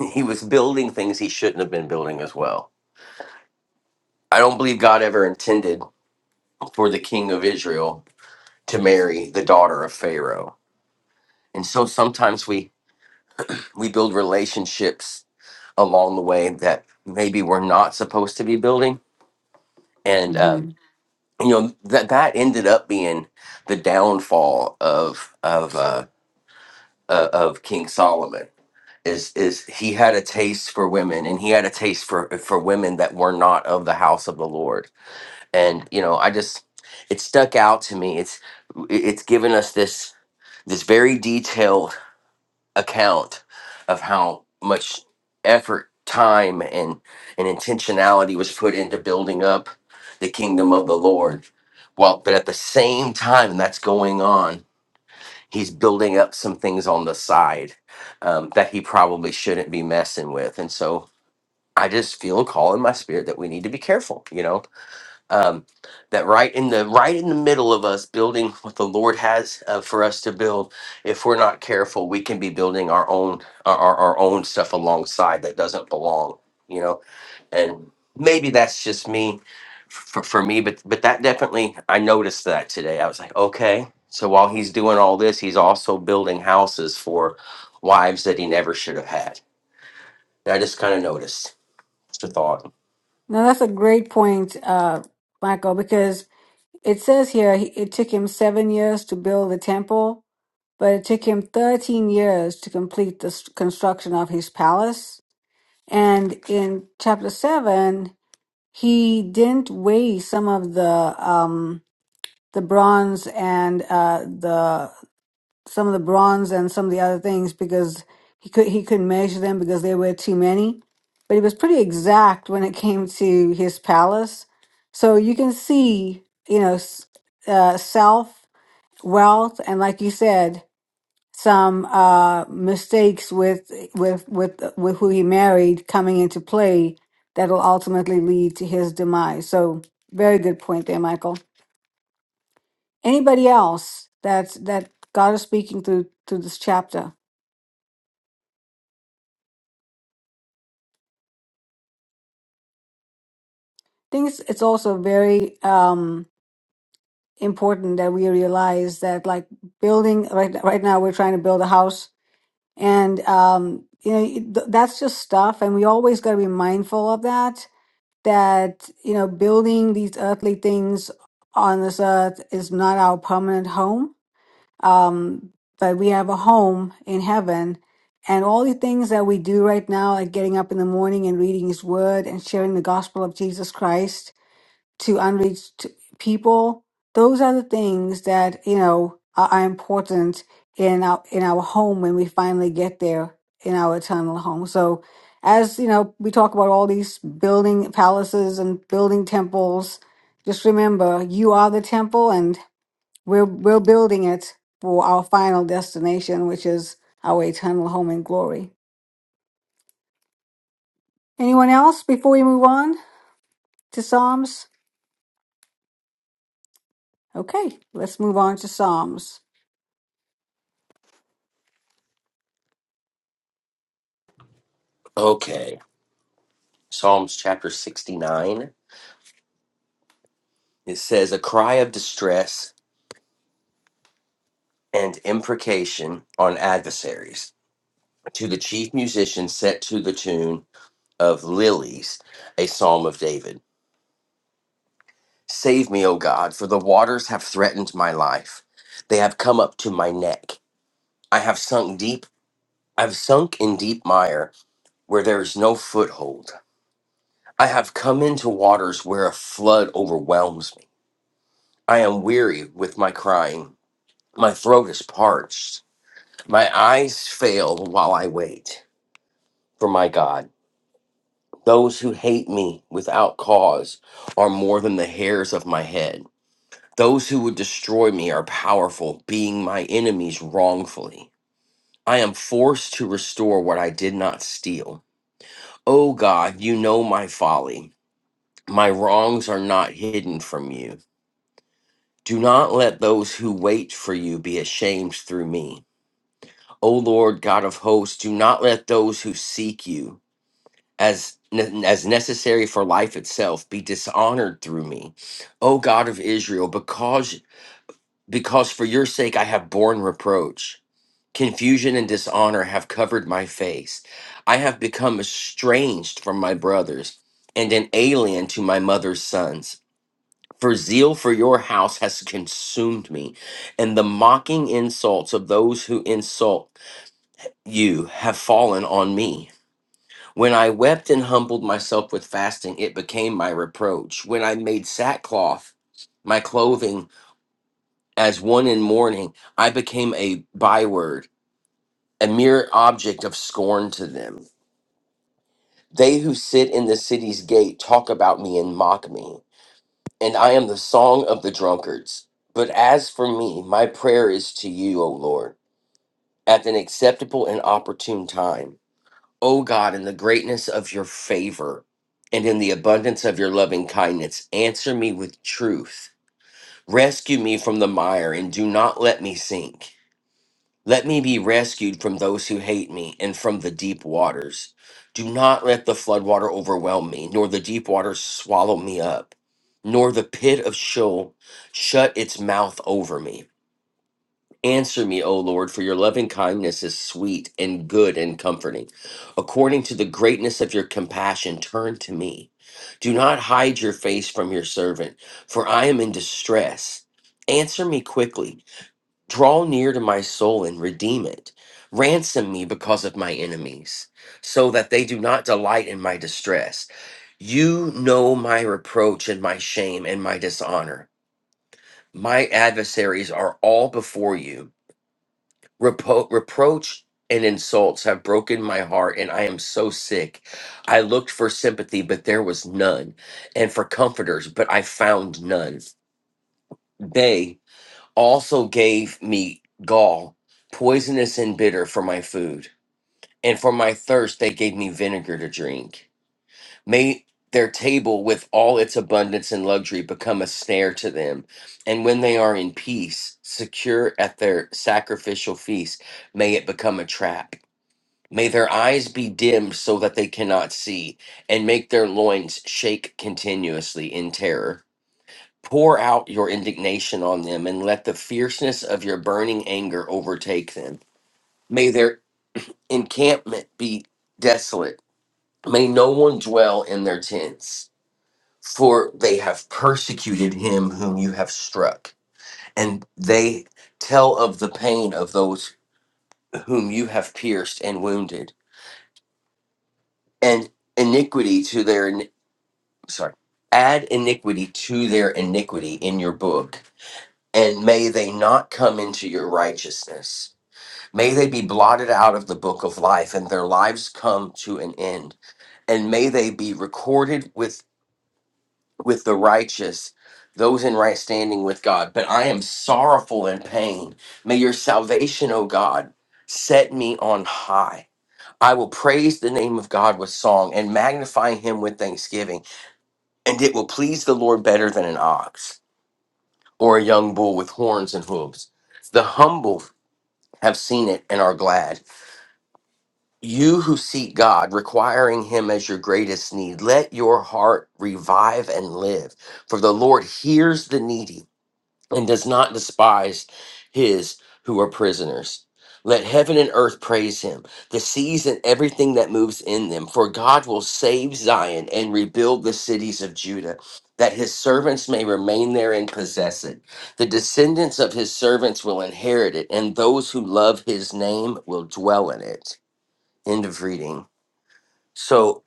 Speaker 3: he was building things he shouldn't have been building as well. I don't believe God ever intended for the king of Israel to marry the daughter of Pharaoh. And so sometimes we we build relationships along the way that maybe we're not supposed to be building. And um,
Speaker 1: mhm.
Speaker 3: you know that that ended up being the downfall of of uh, uh, of King Solomon. Is is he had a taste for women, and he had a taste for for women that were not of the house of the Lord and you know i just it stuck out to me it's it's given us this this very detailed account of how much effort time and and intentionality was put into building up the kingdom of the lord well but at the same time that's going on he's building up some things on the side um, that he probably shouldn't be messing with and so i just feel a call in my spirit that we need to be careful you know um, that right in the right in the middle of us building what the Lord has uh, for us to build, if we're not careful, we can be building our own our, our our own stuff alongside that doesn't belong, you know. And maybe that's just me for, for me, but but that definitely I noticed that today. I was like, okay, so while he's doing all this, he's also building houses for wives that he never should have had. And I just kind of noticed. Just a thought.
Speaker 1: No, that's a great point, uh, Michael, because it says here he, it took him seven years to build the temple, but it took him 13 years to complete the s- construction of his palace. And in chapter seven, he didn't weigh some of the um, the bronze and uh, the some of the bronze and some of the other things because he could he couldn't measure them because there were too many. But he was pretty exact when it came to his palace. So you can see, you know, s- uh, self wealth, and like you said, some uh, mistakes with with with with who he married coming into play that'll ultimately lead to his demise. So very good point there, Michael. Anybody else that that God is speaking through through this chapter? think it's, it's also very um, important that we realize that like building right right now we're trying to build a house and um, you know it- th- that's just stuff and we always got to be mindful of that that you know building these earthly things on this earth is not our permanent home um, but we have a home in heaven and all the things that we do right now like getting up in the morning and reading his word and sharing the gospel of jesus christ to unreached people. Those are the things that you know are, are important in our in our home when we finally get there in our eternal home. So, as you know, we talk about all these building palaces and building temples. Just remember, you are the temple, and we're we're building it for our final destination, which is our eternal home in glory. Anyone else before we move on to Psalms? Okay, let's move on to Psalms.
Speaker 3: Okay, Psalms chapter sixty nine. It says, a cry of distress and imprecation on adversaries to the chief musician set to the tune of Lilies, a psalm of David. Save me, O God, for the waters have threatened my life. They have come up to my neck. I have sunk deep. I've sunk in deep mire where there is no foothold. I have come into waters where a flood overwhelms me. I am weary with my crying. My throat is parched. My eyes fail while I wait for my God. Those who hate me without cause are more than the hairs of my head. Those who would destroy me are powerful, being my enemies wrongfully. I am forced to restore what I did not steal. O God, you know my folly. My wrongs are not hidden from you. Do not let those who wait for you be ashamed through me. O Lord God of hosts, do not let those who seek you as ne- as necessary for life itself be dishonored through me o god of israel because because for your sake i have borne reproach confusion and dishonor have covered my face i have become estranged from my brothers and an alien to my mother's sons for zeal for your house has consumed me and the mocking insults of those who insult you have fallen on me when I wept and humbled myself with fasting, it became my reproach. When I made sackcloth my clothing as one in mourning, I became a byword, a mere object of scorn to them. They who sit in the city's gate talk about me and mock me, and I am the song of the drunkards. But as for me, my prayer is to you, O Lord, at an acceptable and opportune time. O God, in the greatness of your favor and in the abundance of your loving kindness, answer me with truth. Rescue me from the mire and do not let me sink. Let me be rescued from those who hate me and from the deep waters. Do not let the floodwater overwhelm me, nor the deep waters swallow me up, nor the pit of Sheol shut its mouth over me. Answer me, O Lord, for your loving kindness is sweet and good and comforting. According to the greatness of your compassion, turn to me. Do not hide your face from your servant, for I am in distress. Answer me quickly. Draw near to my soul and redeem it. Ransom me because of my enemies, so that they do not delight in my distress. You know my reproach and my shame and my dishonor. My adversaries are all before you Repo- reproach and insults have broken my heart, and I am so sick. I looked for sympathy, but there was none, and for comforters, but I found none. They also gave me gall, poisonous and bitter, for my food, and for my thirst, they gave me vinegar to drink. May their table with all its abundance and luxury become a snare to them. And when they are in peace, secure at their sacrificial feast, may it become a trap. May their eyes be dimmed so that they cannot see, and make their loins shake continuously in terror. Pour out your indignation on them, and let the fierceness of your burning anger overtake them. May their encampment be desolate. May no one dwell in their tents, for they have persecuted him whom you have struck, and they tell of the pain of those whom you have pierced and wounded. And iniquity to their sorry, add iniquity to their iniquity in your book, and may they not come into your righteousness. May they be blotted out of the book of life, and their lives come to an end. And may they be recorded with with the righteous, those in right standing with God. But I am sorrowful and pain. May your salvation, O God, set me on high. I will praise the name of God with song and magnify him with thanksgiving and it will please the Lord better than an ox or a young bull with horns and hooves. The humble have seen it and are glad. You who seek God, requiring Him as your greatest need, let your heart revive and live, for the Lord hears the needy and does not despise his who are prisoners. Let heaven and earth praise him, the seas and everything that moves in them, for God will save Zion and rebuild the cities of Judah, that his servants may remain there and possess it. The descendants of his servants will inherit it, and those who love his name will dwell in it. End of reading. So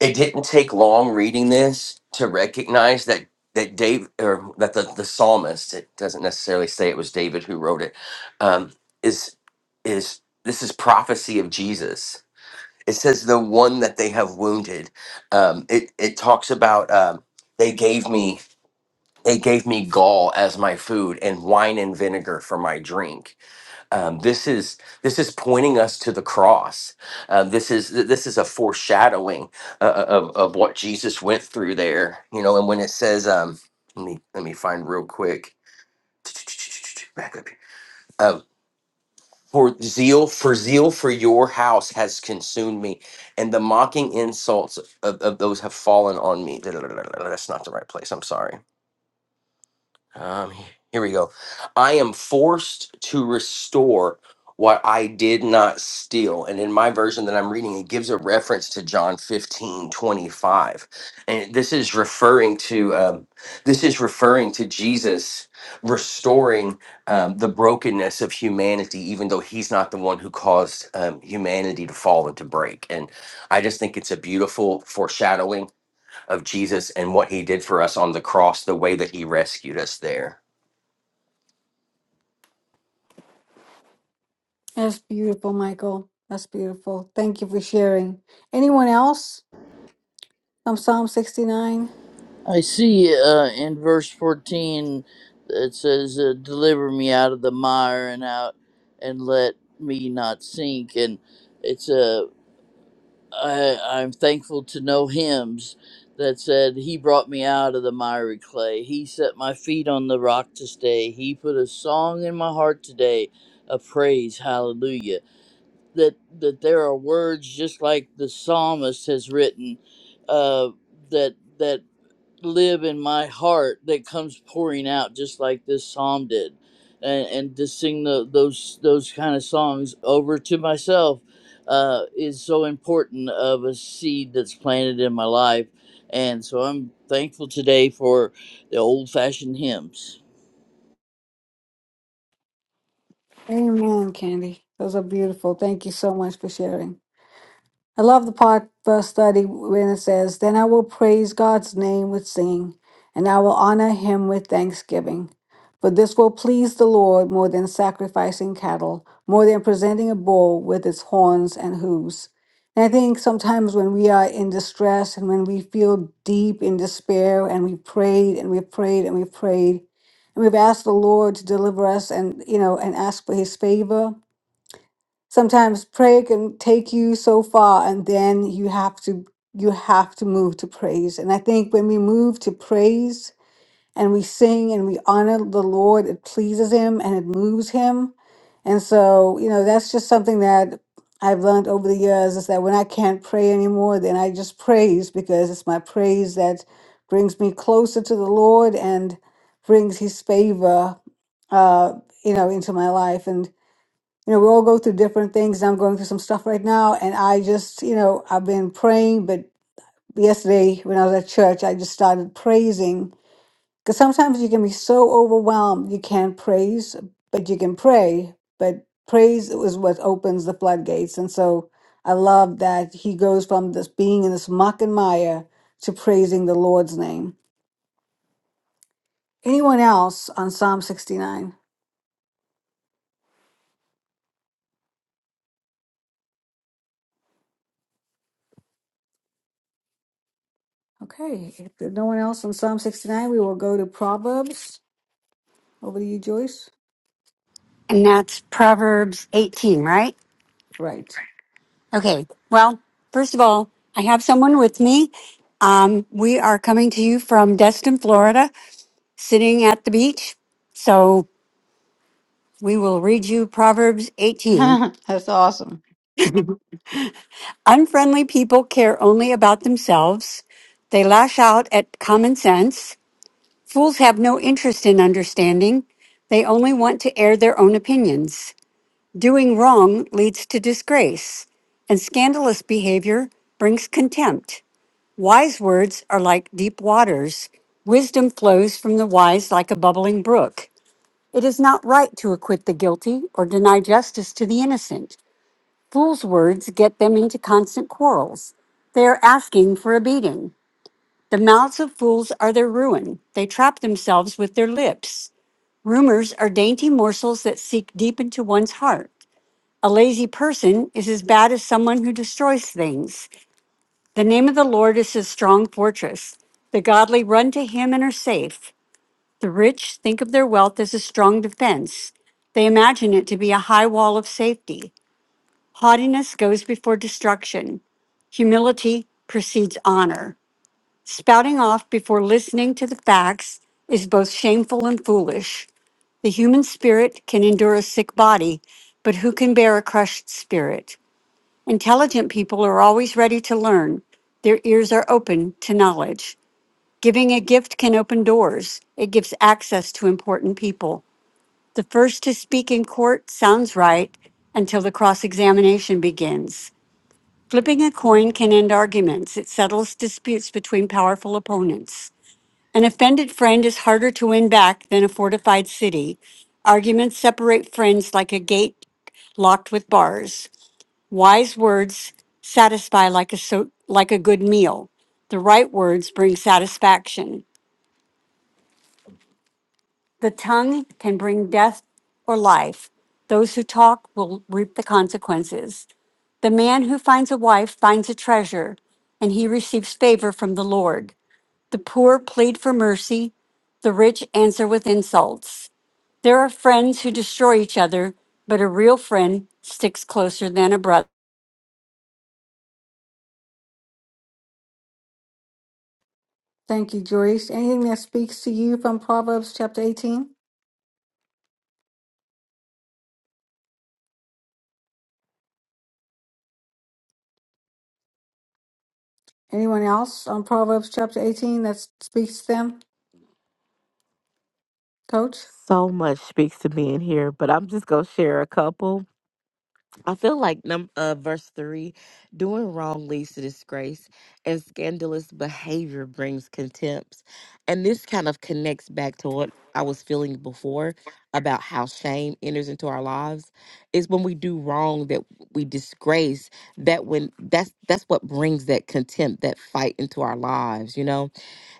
Speaker 3: it didn't take long reading this to recognize that that Dave or that the the psalmist it doesn't necessarily say it was David who wrote it um, is is this is prophecy of Jesus. It says the one that they have wounded. Um, it it talks about um, they gave me they gave me gall as my food and wine and vinegar for my drink um, this is this is pointing us to the cross. Uh, this is this is a foreshadowing uh, uh, of of what Jesus went through there. You know, and when it says, um, let me let me find real quick. Back up here. Um, for zeal, for zeal for your house has consumed me, and the mocking insults of, of those have fallen on me. Da- da- da- da- da- da- That's not the right place. I'm sorry. Um, here we go. I am forced to restore what I did not steal. And in my version that I'm reading, it gives a reference to John 15 25, And this is referring to um, this is referring to Jesus restoring um, the brokenness of humanity, even though he's not the one who caused um, humanity to fall and to break. And I just think it's a beautiful foreshadowing of Jesus and what he did for us on the cross, the way that he rescued us there.
Speaker 1: That's beautiful, Michael. That's beautiful. Thank you for sharing. Anyone else from Psalm 69?
Speaker 4: i see uh, in verse 14 it says uh, deliver me out of the mire and out and let me not sink and it's I, I'm thankful to know hymns that said, He brought me out of the miry clay. He set my feet on the rock to stay. He put a song in my heart today of praise, hallelujah. That, that there are words just like the psalmist has written uh, that. that live in my heart that comes pouring out just like this psalm did and and to sing the, those those kind of songs over to myself uh, is so important of a seed that's planted in my life and so i'm thankful today for the old fashioned hymns
Speaker 1: Amen, Candy. Those are beautiful. Thank you so much for sharing. I love the part, verse 30, when it says, Then I will praise God's name with singing, and I will honor him with thanksgiving. For this will please the Lord more than sacrificing cattle, more than presenting a bull with its horns and hooves. And I think sometimes when we are in distress and when we feel deep in despair and we prayed and we prayed and we prayed, and we've asked the Lord to deliver us and, you know, and ask for his favor sometimes prayer can take you so far and then you have to you have to move to praise and i think when we move to praise and we sing and we honor the lord it pleases him and it moves him and so you know that's just something that i've learned over the years is that when i can't pray anymore then i just praise because it's my praise that brings me closer to the lord and brings his favor uh you know into my life and you know, we all go through different things. I'm going through some stuff right now, and I just, you know, I've been praying. But yesterday, when I was at church, I just started praising because sometimes you can be so overwhelmed you can't praise, but you can pray. But praise is what opens the floodgates, and so I love that he goes from this being in this muck and mire to praising the Lord's name. Anyone else on Psalm 69? Okay, if there's no one else on Psalm 69, we will go to Proverbs. Over to you, Joyce.
Speaker 5: And that's Proverbs 18, right?
Speaker 1: Right.
Speaker 5: Okay. Well, first of all, I have someone with me. Um, we are coming to you from Destin, Florida, sitting at the beach. So we will read you Proverbs 18.
Speaker 1: That's awesome.
Speaker 5: Unfriendly people care only about themselves. They lash out at common sense. Fools have no interest in understanding. They only want to air their own opinions. Doing wrong leads to disgrace, and scandalous behavior brings contempt. Wise words are like deep waters. Wisdom flows from the wise like a bubbling brook. It is not right to acquit the guilty or deny justice to the innocent. Fools' words get them into constant quarrels. They are asking for a beating. The mouths of fools are their ruin. They trap themselves with their lips. Rumors are dainty morsels that seek deep into one's heart. A lazy person is as bad as someone who destroys things. The name of the Lord is his strong fortress. The godly run to him and are safe. The rich think of their wealth as a strong defense. They imagine it to be a high wall of safety. Haughtiness goes before destruction. Humility precedes honor. Spouting off before listening to the facts is both shameful and foolish. The human spirit can endure a sick body, but who can bear a crushed spirit? Intelligent people are always ready to learn. Their ears are open to knowledge. Giving a gift can open doors. It gives access to important people. The first to speak in court sounds right until the cross examination begins. Flipping a coin can end arguments. It settles disputes between powerful opponents. An offended friend is harder to win back than a fortified city. Arguments separate friends like a gate locked with bars. Wise words satisfy like a so, like a good meal. The right words bring satisfaction. The tongue can bring death or life. Those who talk will reap the consequences. The man who finds a wife finds a treasure, and he receives favor from the Lord. The poor plead for mercy, the rich answer with insults. There are friends who destroy each other, but a real friend sticks closer than a brother.
Speaker 1: Thank you, Joyce. Anything that speaks to you from Proverbs chapter 18? Anyone else on Proverbs chapter 18 that speaks to them, coach?
Speaker 2: So much speaks to me in here, but I'm just going to share a couple. I feel like num uh verse three, doing wrong leads to disgrace, and scandalous behavior brings contempt. And this kind of connects back to what I was feeling before about how shame enters into our lives. Is when we do wrong that we disgrace that when that's that's what brings that contempt, that fight into our lives, you know?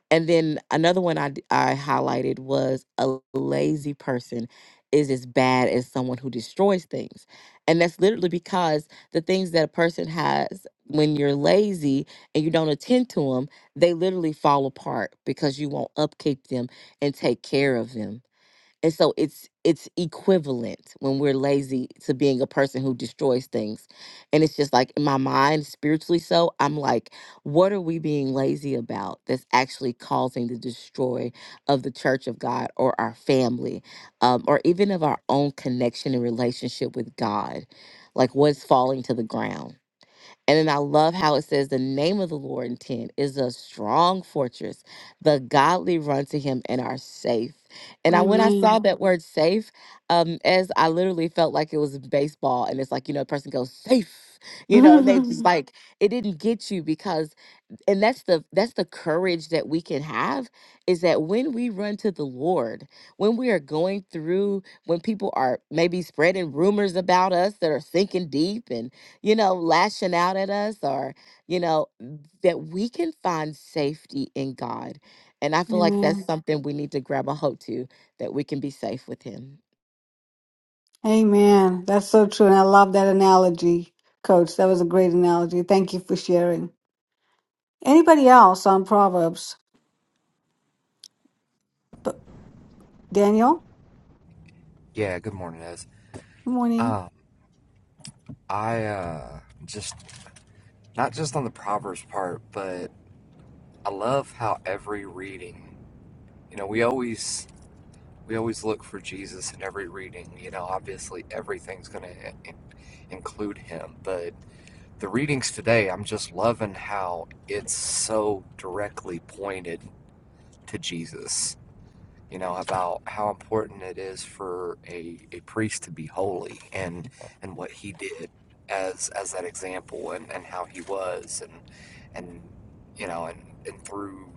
Speaker 2: And then another one I, d- I highlighted was a lazy person is as bad as someone who destroys things. And that's literally because the things that a person has when you're lazy and you don't attend to them, they literally fall apart because you won't upkeep them and take care of them and so it's it's equivalent when we're lazy to being a person who destroys things and it's just like in my mind spiritually so i'm like what are we being lazy about that's actually causing the destroy of the church of god or our family um, or even of our own connection and relationship with god like what's falling to the ground and then I love how it says the name of the Lord in 10 is a strong fortress. The godly run to him and are safe. And I when I
Speaker 1: Amen.
Speaker 2: saw that word safe, um, as I literally felt like it was baseball and it's like, you know, a person goes safe, you know, and they just
Speaker 1: Amen.
Speaker 2: like it didn't get you because and that's the that's the courage that we can have is that when we run to the lord when we are going through when people are maybe spreading rumors about us that are sinking deep and you know lashing out at us or you know that we can find safety in god and i feel like that's something we need to grab a hold to that we can be safe with him
Speaker 1: Amen. That's so true. And I love that analogy, coach. That was a great analogy. Thank you for sharing. Anybody else on Proverbs? But Daniel,
Speaker 6: Yeah, good morning, Ez.
Speaker 1: good morning.
Speaker 6: Um, I uh, just not just on the Proverbs part, but I love how every reading, you know, we always we always look for Jesus in every reading. You know, obviously everything's going to include him, but the readings today, I'm just loving how it's so directly pointed to Jesus you know, about how important it is for a, a priest to be holy and and what he did as as that example and, and how he was and and you know and, and through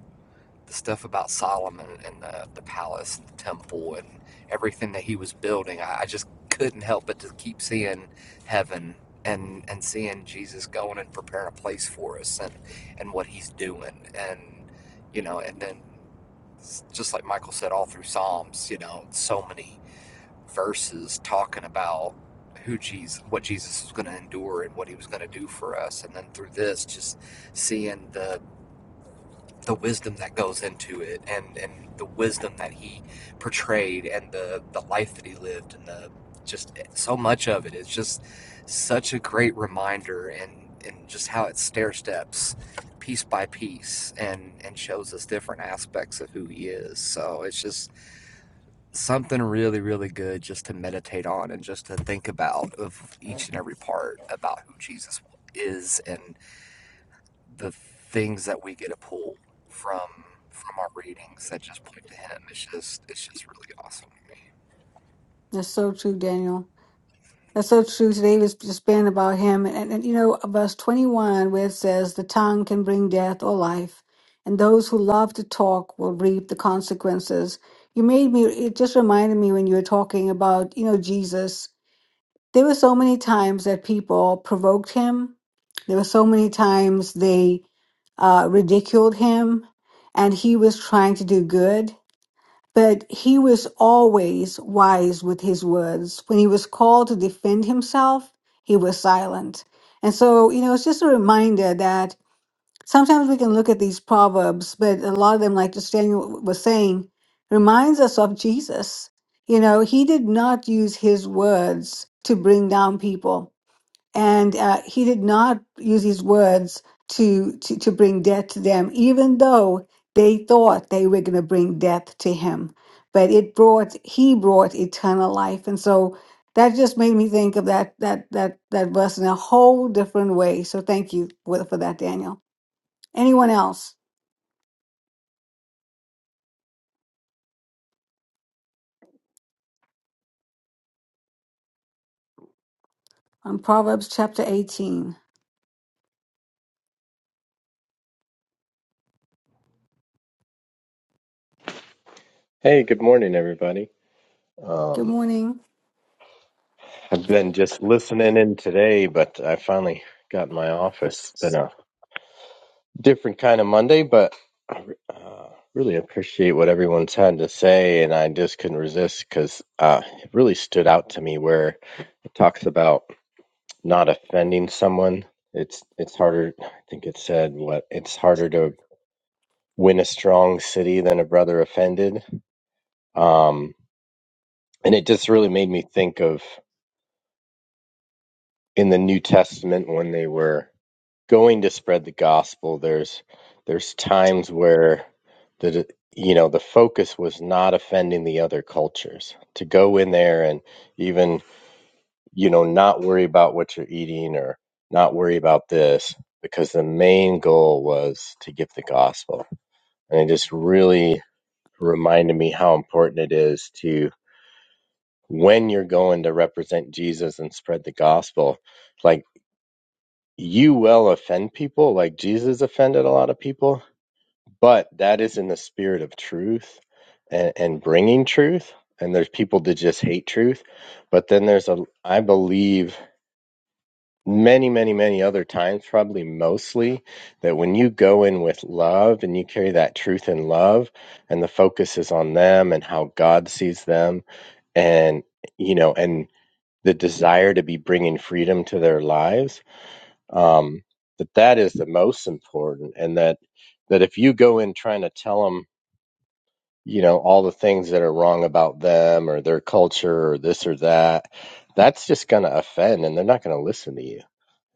Speaker 6: the stuff about Solomon and the, the palace and the temple and everything that he was building, I, I just couldn't help but to keep seeing heaven and and seeing Jesus going and preparing a place for us and and what he's doing and you know and then just like Michael said, all through Psalms, you know, so many verses talking about who Jesus, what Jesus was going to endure and what he was going to do for us. And then through this, just seeing the the wisdom that goes into it and and the wisdom that he portrayed and the the life that he lived and the just so much of it is just such a great reminder and and just how it stair steps piece by piece and and shows us different aspects of who he is so it's just something really really good just to meditate on and just to think about of each and every part about who jesus was. is and the things that we get to pull from from our readings that just point to him. It's just it's just really awesome. to me.
Speaker 1: That's so true, Daniel. That's so true. Today was just been about him. And, and you know, verse 21, where it says, The tongue can bring death or life, and those who love to talk will reap the consequences. You made me, it just reminded me when you were talking about, you know, Jesus. There were so many times that people provoked him, there were so many times they uh, ridiculed him, and he was trying to do good. But he was always wise with his words. When he was called to defend himself, he was silent. And so, you know, it's just a reminder that sometimes we can look at these proverbs, but a lot of them, like just Daniel was saying, reminds us of Jesus. You know, he did not use his words to bring down people and uh, he did not use his words to, to to bring death to them even though they thought they were going to bring death to him but it brought he brought eternal life and so that just made me think of that that that that verse in a whole different way so thank you for, for that daniel anyone else on proverbs chapter 18
Speaker 7: Hey, good morning, everybody.
Speaker 1: good
Speaker 7: Um,
Speaker 1: morning
Speaker 7: I've been just listening in today, but I finally got in my office. It's been a different kind of Monday, but I uh, really appreciate what everyone's had to say, and I just couldn't resist because uh, it really stood out to me where it talks about not offending someone. It's it's harder. I think it said what it's harder to win a strong city than a brother offended. Um, and it just really made me think of. in the New Testament when they were going to spread the gospel, there's there's times where the you know the focus was not offending the other cultures. To go in there and even you know not worry about what you're eating or not worry about this because the main goal was to give the gospel. And it just really reminded me how important it is to when you're going to represent Jesus and spread the gospel like. you will offend people like Jesus offended a lot of people, but that is in the spirit of truth and, and bringing truth. And there's people that just hate truth. But then there's a, I believe, many, many, many other times, probably mostly, that when you go in with love and you carry that truth in love and the focus is on them and how God sees them and, you know, and the desire to be bringing freedom to their lives um, that that is the most important and that that if you go in trying to tell them you know all the things that are wrong about them or their culture or this or that that's just going to offend and they're not going to listen to you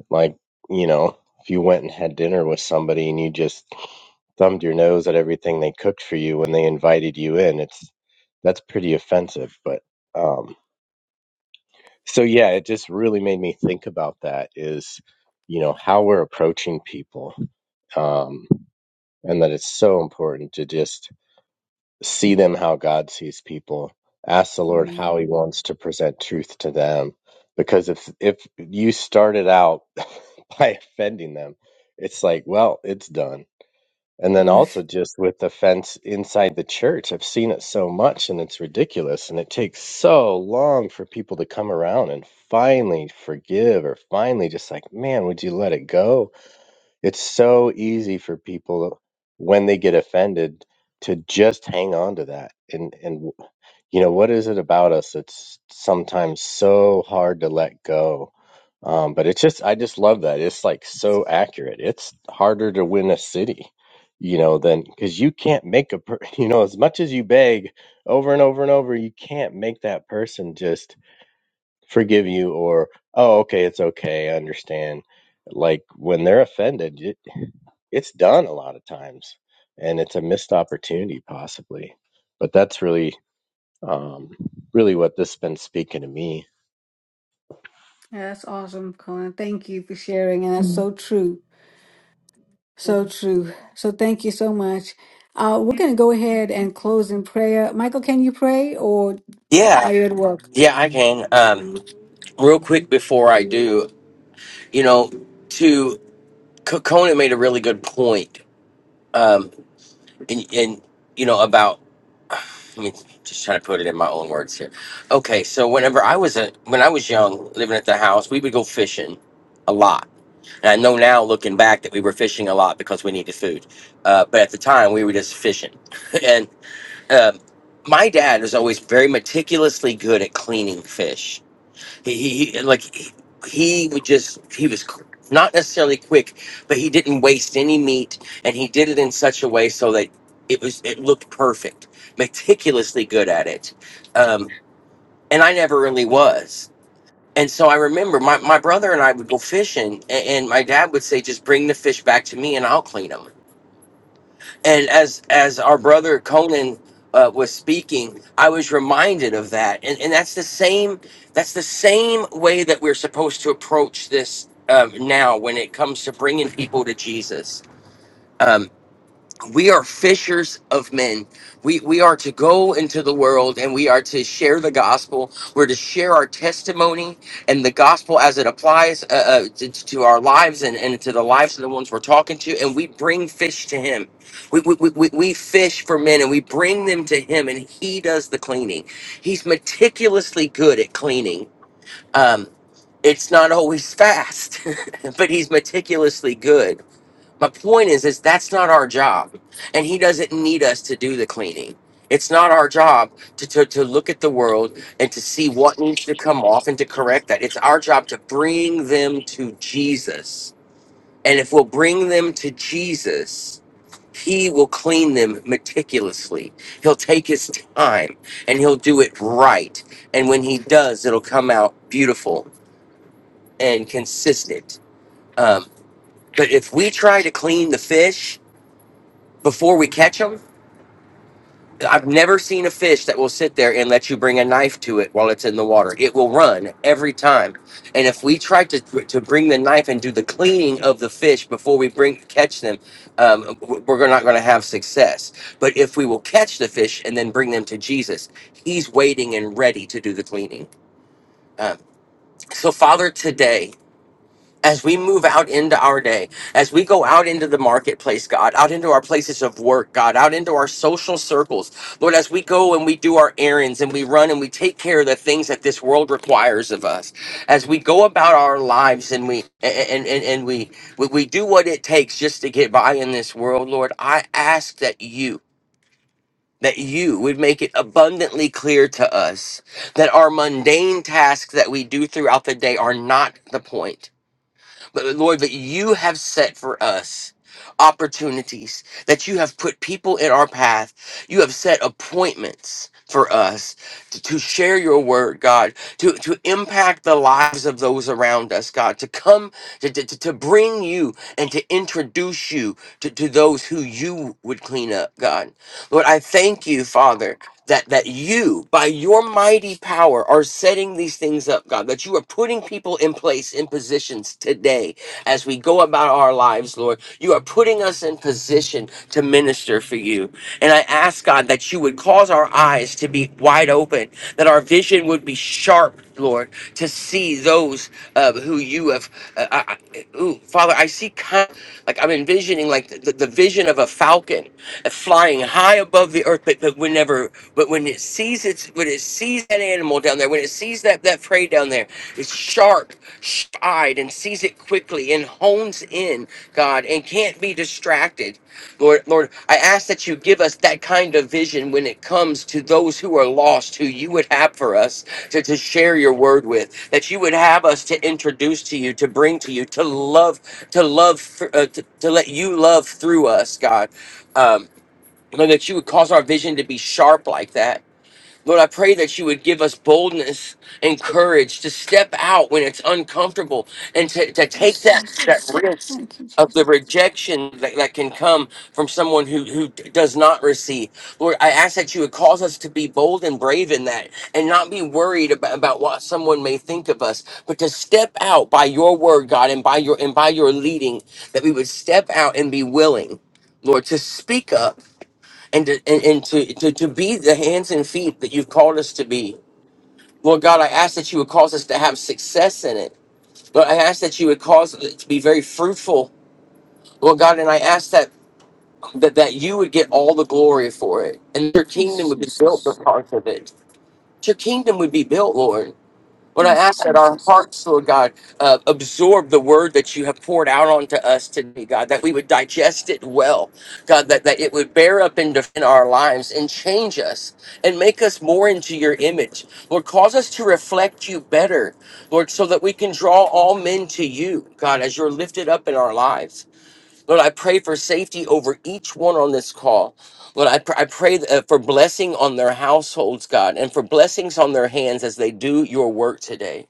Speaker 7: like you know if you went and had dinner with somebody and you just thumbed your nose at everything they cooked for you when they invited you in it's that's pretty offensive but um so yeah it just really made me think about that is you know how we're approaching people um, and that it's so important to just see them how God sees people. Ask the Lord how
Speaker 1: amen
Speaker 7: He wants to present truth to them, because if if you started out by offending them, it's like, well, it's done. And then also just with offense inside the church, I've seen it so much, and it's ridiculous, and it takes so long for people to come around and finally forgive, or finally just like, man, would you let it go? It's so easy for people when they get offended to just hang on to that. And and you know what is it about us that's sometimes so hard to let go? Um, but it's just I just love that. It's like so accurate. It's harder to win a city, you know, than because you can't make a per you know as much as you beg over and over and over, you can't make that person just forgive you or oh okay it's okay I understand like when they're offended it's done a lot of times and it's a missed opportunity possibly but that's really um really what this has been speaking to me
Speaker 1: Yeah, that's awesome colin thank you for sharing and that's so true So true. So thank you so much. Uh, we're going to go ahead and close in prayer. Michael, can you pray or
Speaker 3: Yeah,
Speaker 1: are you at work?
Speaker 3: yeah, I can. Um, real quick before I do, you know, to C- Conan made a really good point, um, and, and you know about. Let me just try to put it in my own words here. Okay, so whenever I was a when I was young, living at the house, we would go fishing a lot. And I know now, looking back, that we were fishing a lot because we needed food. Uh, but at the time, we were just fishing, and. um, my dad was always very meticulously good at cleaning fish. He, he, he like he, he would just he was qu- not necessarily quick, but he didn't waste any meat, and he did it in such a way so that it was it looked perfect. Meticulously good at it, um, and I never really was. And so I remember my, my brother and I would go fishing, and, and my dad would say, "Just bring the fish back to me, and I'll clean them." and as as our brother conan uh, was speaking i was reminded of that and and that's the same that's the same way that we're supposed to approach this um, now when it comes to bringing people to jesus Um, we are fishers of men. We we are to go into the world and we are to share the gospel. We're to share our testimony and the gospel as it applies uh, uh, to, to our lives and, and to the lives of the ones we're talking to. And we bring fish to Him. We we, we we we fish for men and we bring them to Him, and He does the cleaning. He's meticulously good at cleaning. Um, it's not always fast, but He's meticulously good my point is, is that's not our job, and he doesn't need us to do the cleaning. It's not our job to, to, to look at the world and to see what needs to come off and to correct that. It's our job to bring them to Jesus. And if we'll bring them to Jesus, he will clean them meticulously. He'll take his time and he'll do it right. And when he does, it'll come out beautiful and consistent. Um, but if we try to clean the fish, before we catch them. I've never seen a fish that will sit there and let you bring a knife to it while it's in the water. It will run every time. And if we try to to bring the knife and do the cleaning of the fish before we bring catch them, um, we're not going to have success. But if we will catch the fish and then bring them to Jesus, He's waiting and ready to do the cleaning. Um, so, Father, today as we move out into our day, as we go out into the marketplace, God, out into our places of work, God, out into our social circles, Lord, as we go and we do our errands and we run and we take care of the things that this world requires of us, as we go about our lives and we and and, and we, we we do what it takes just to get by in this world, Lord, I ask that you that you would make it abundantly clear to us that our mundane tasks that we do throughout the day are not the point Lord, that you have set for us opportunities, that you have put people in our path. You have set appointments for us to, to share your word, God, to, to impact the lives of those around us, God, to come, to, to, to bring you and to introduce you to, to those who you would clean up, God. Lord, I thank you, Father that that you by your mighty power are setting these things up god that you are putting people in place in positions today as we go about our lives lord you are putting us in position to minister for you and i ask god that you would cause our eyes to be wide open that our vision would be sharp Lord, to see those uh, who you have. Uh, I, I- ooh, Father, I see kind like I'm envisioning like the, the vision of a falcon flying high above the earth, but, but whenever, but when it sees its, when it sees that animal down there, when it sees that that prey down there, it's sharp, sharp-eyed, and sees it quickly and hones in God and can't be distracted. Lord, Lord, I ask that you give us that kind of vision when it comes to those who are lost, who you would have for us to, to share your word with, that you would have us to introduce to you, to bring to you, to love, to love, uh, to, to let you love through us, God. Um, Lord, that you would cause our vision to be sharp like that Lord, I pray that you would give us boldness and courage to step out when it's uncomfortable and to, to take
Speaker 1: Yes,
Speaker 3: that, that
Speaker 1: Jesus.
Speaker 3: risk
Speaker 1: Thank you,
Speaker 3: of
Speaker 1: Jesus.
Speaker 3: the rejection that, that can come from someone who, who does not receive. Lord, I ask that you would cause us to be bold and brave in that and not be worried about, about what someone may think of us, but to step out by your word, God, and by your and by your leading, that we would step out and be willing, Lord, to speak up and to, and, and to, to, to be the hands and feet that you've called us to be. Lord God, I ask that you would cause us to have success in it. Lord, I ask that you would cause it to be very fruitful. Lord God, and I ask that, that that you would get all the glory for it, and your kingdom
Speaker 1: Yes,
Speaker 3: would be built
Speaker 1: Jesus.
Speaker 3: because of it. Your kingdom would be built, Lord. Lord, I
Speaker 1: Yes,
Speaker 3: ask that our
Speaker 1: Jesus.
Speaker 3: hearts, Lord God, uh, absorb the word that you have poured out onto us today, God, that we would digest it well, God, that, that it would bear up and defend our lives and change us and make us more into your image. Lord, cause us to reflect you better, Lord, so that we can draw all men to you, God, as you're lifted up in our lives. Lord, I pray for safety over each one on this call. Lord, I, pr- I pray uh, for blessing on their households, God, and for blessings on their hands as they do your work today.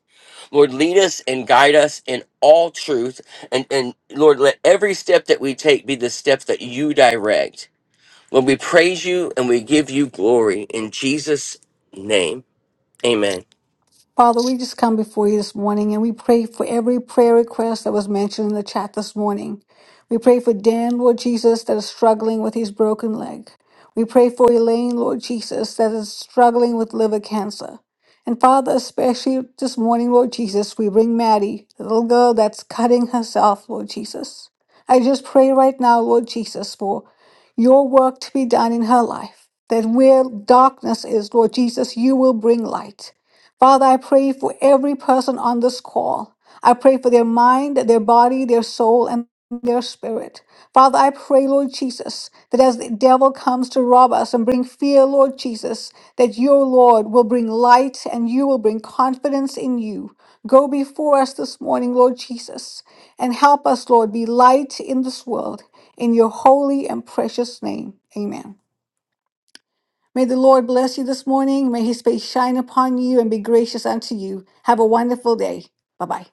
Speaker 3: Lord, lead us and guide us in all truth. And, and Lord, let every step that we take be the step that you direct. Lord, we praise you and we give you glory in Jesus' name. Amen.
Speaker 1: Father, we just come before you this morning and we pray for every prayer request that was mentioned in the chat this morning. We pray for Dan, Lord Jesus, that is struggling with his broken leg. We pray for Elaine, Lord Jesus, that is struggling with liver cancer. And Father, especially this morning, Lord Jesus, we bring Maddie, the little girl that's cutting herself, Lord Jesus. I just pray right now, Lord Jesus, for your work to be done in her life. That where darkness is, Lord Jesus, you will bring light. Father, I pray for every person on this call. I pray for their mind, their body, their soul, and their spirit. Father, I pray, Lord Jesus, that as the devil comes to rob us and bring fear, Lord Jesus, that your Lord will bring light and you will bring confidence in you. Go before us this morning, Lord Jesus, and help us, Lord, be light in this world. In your holy and precious name, amen. May the Lord bless you this morning. May his face shine upon you and be gracious unto you. Have a wonderful day. Bye bye.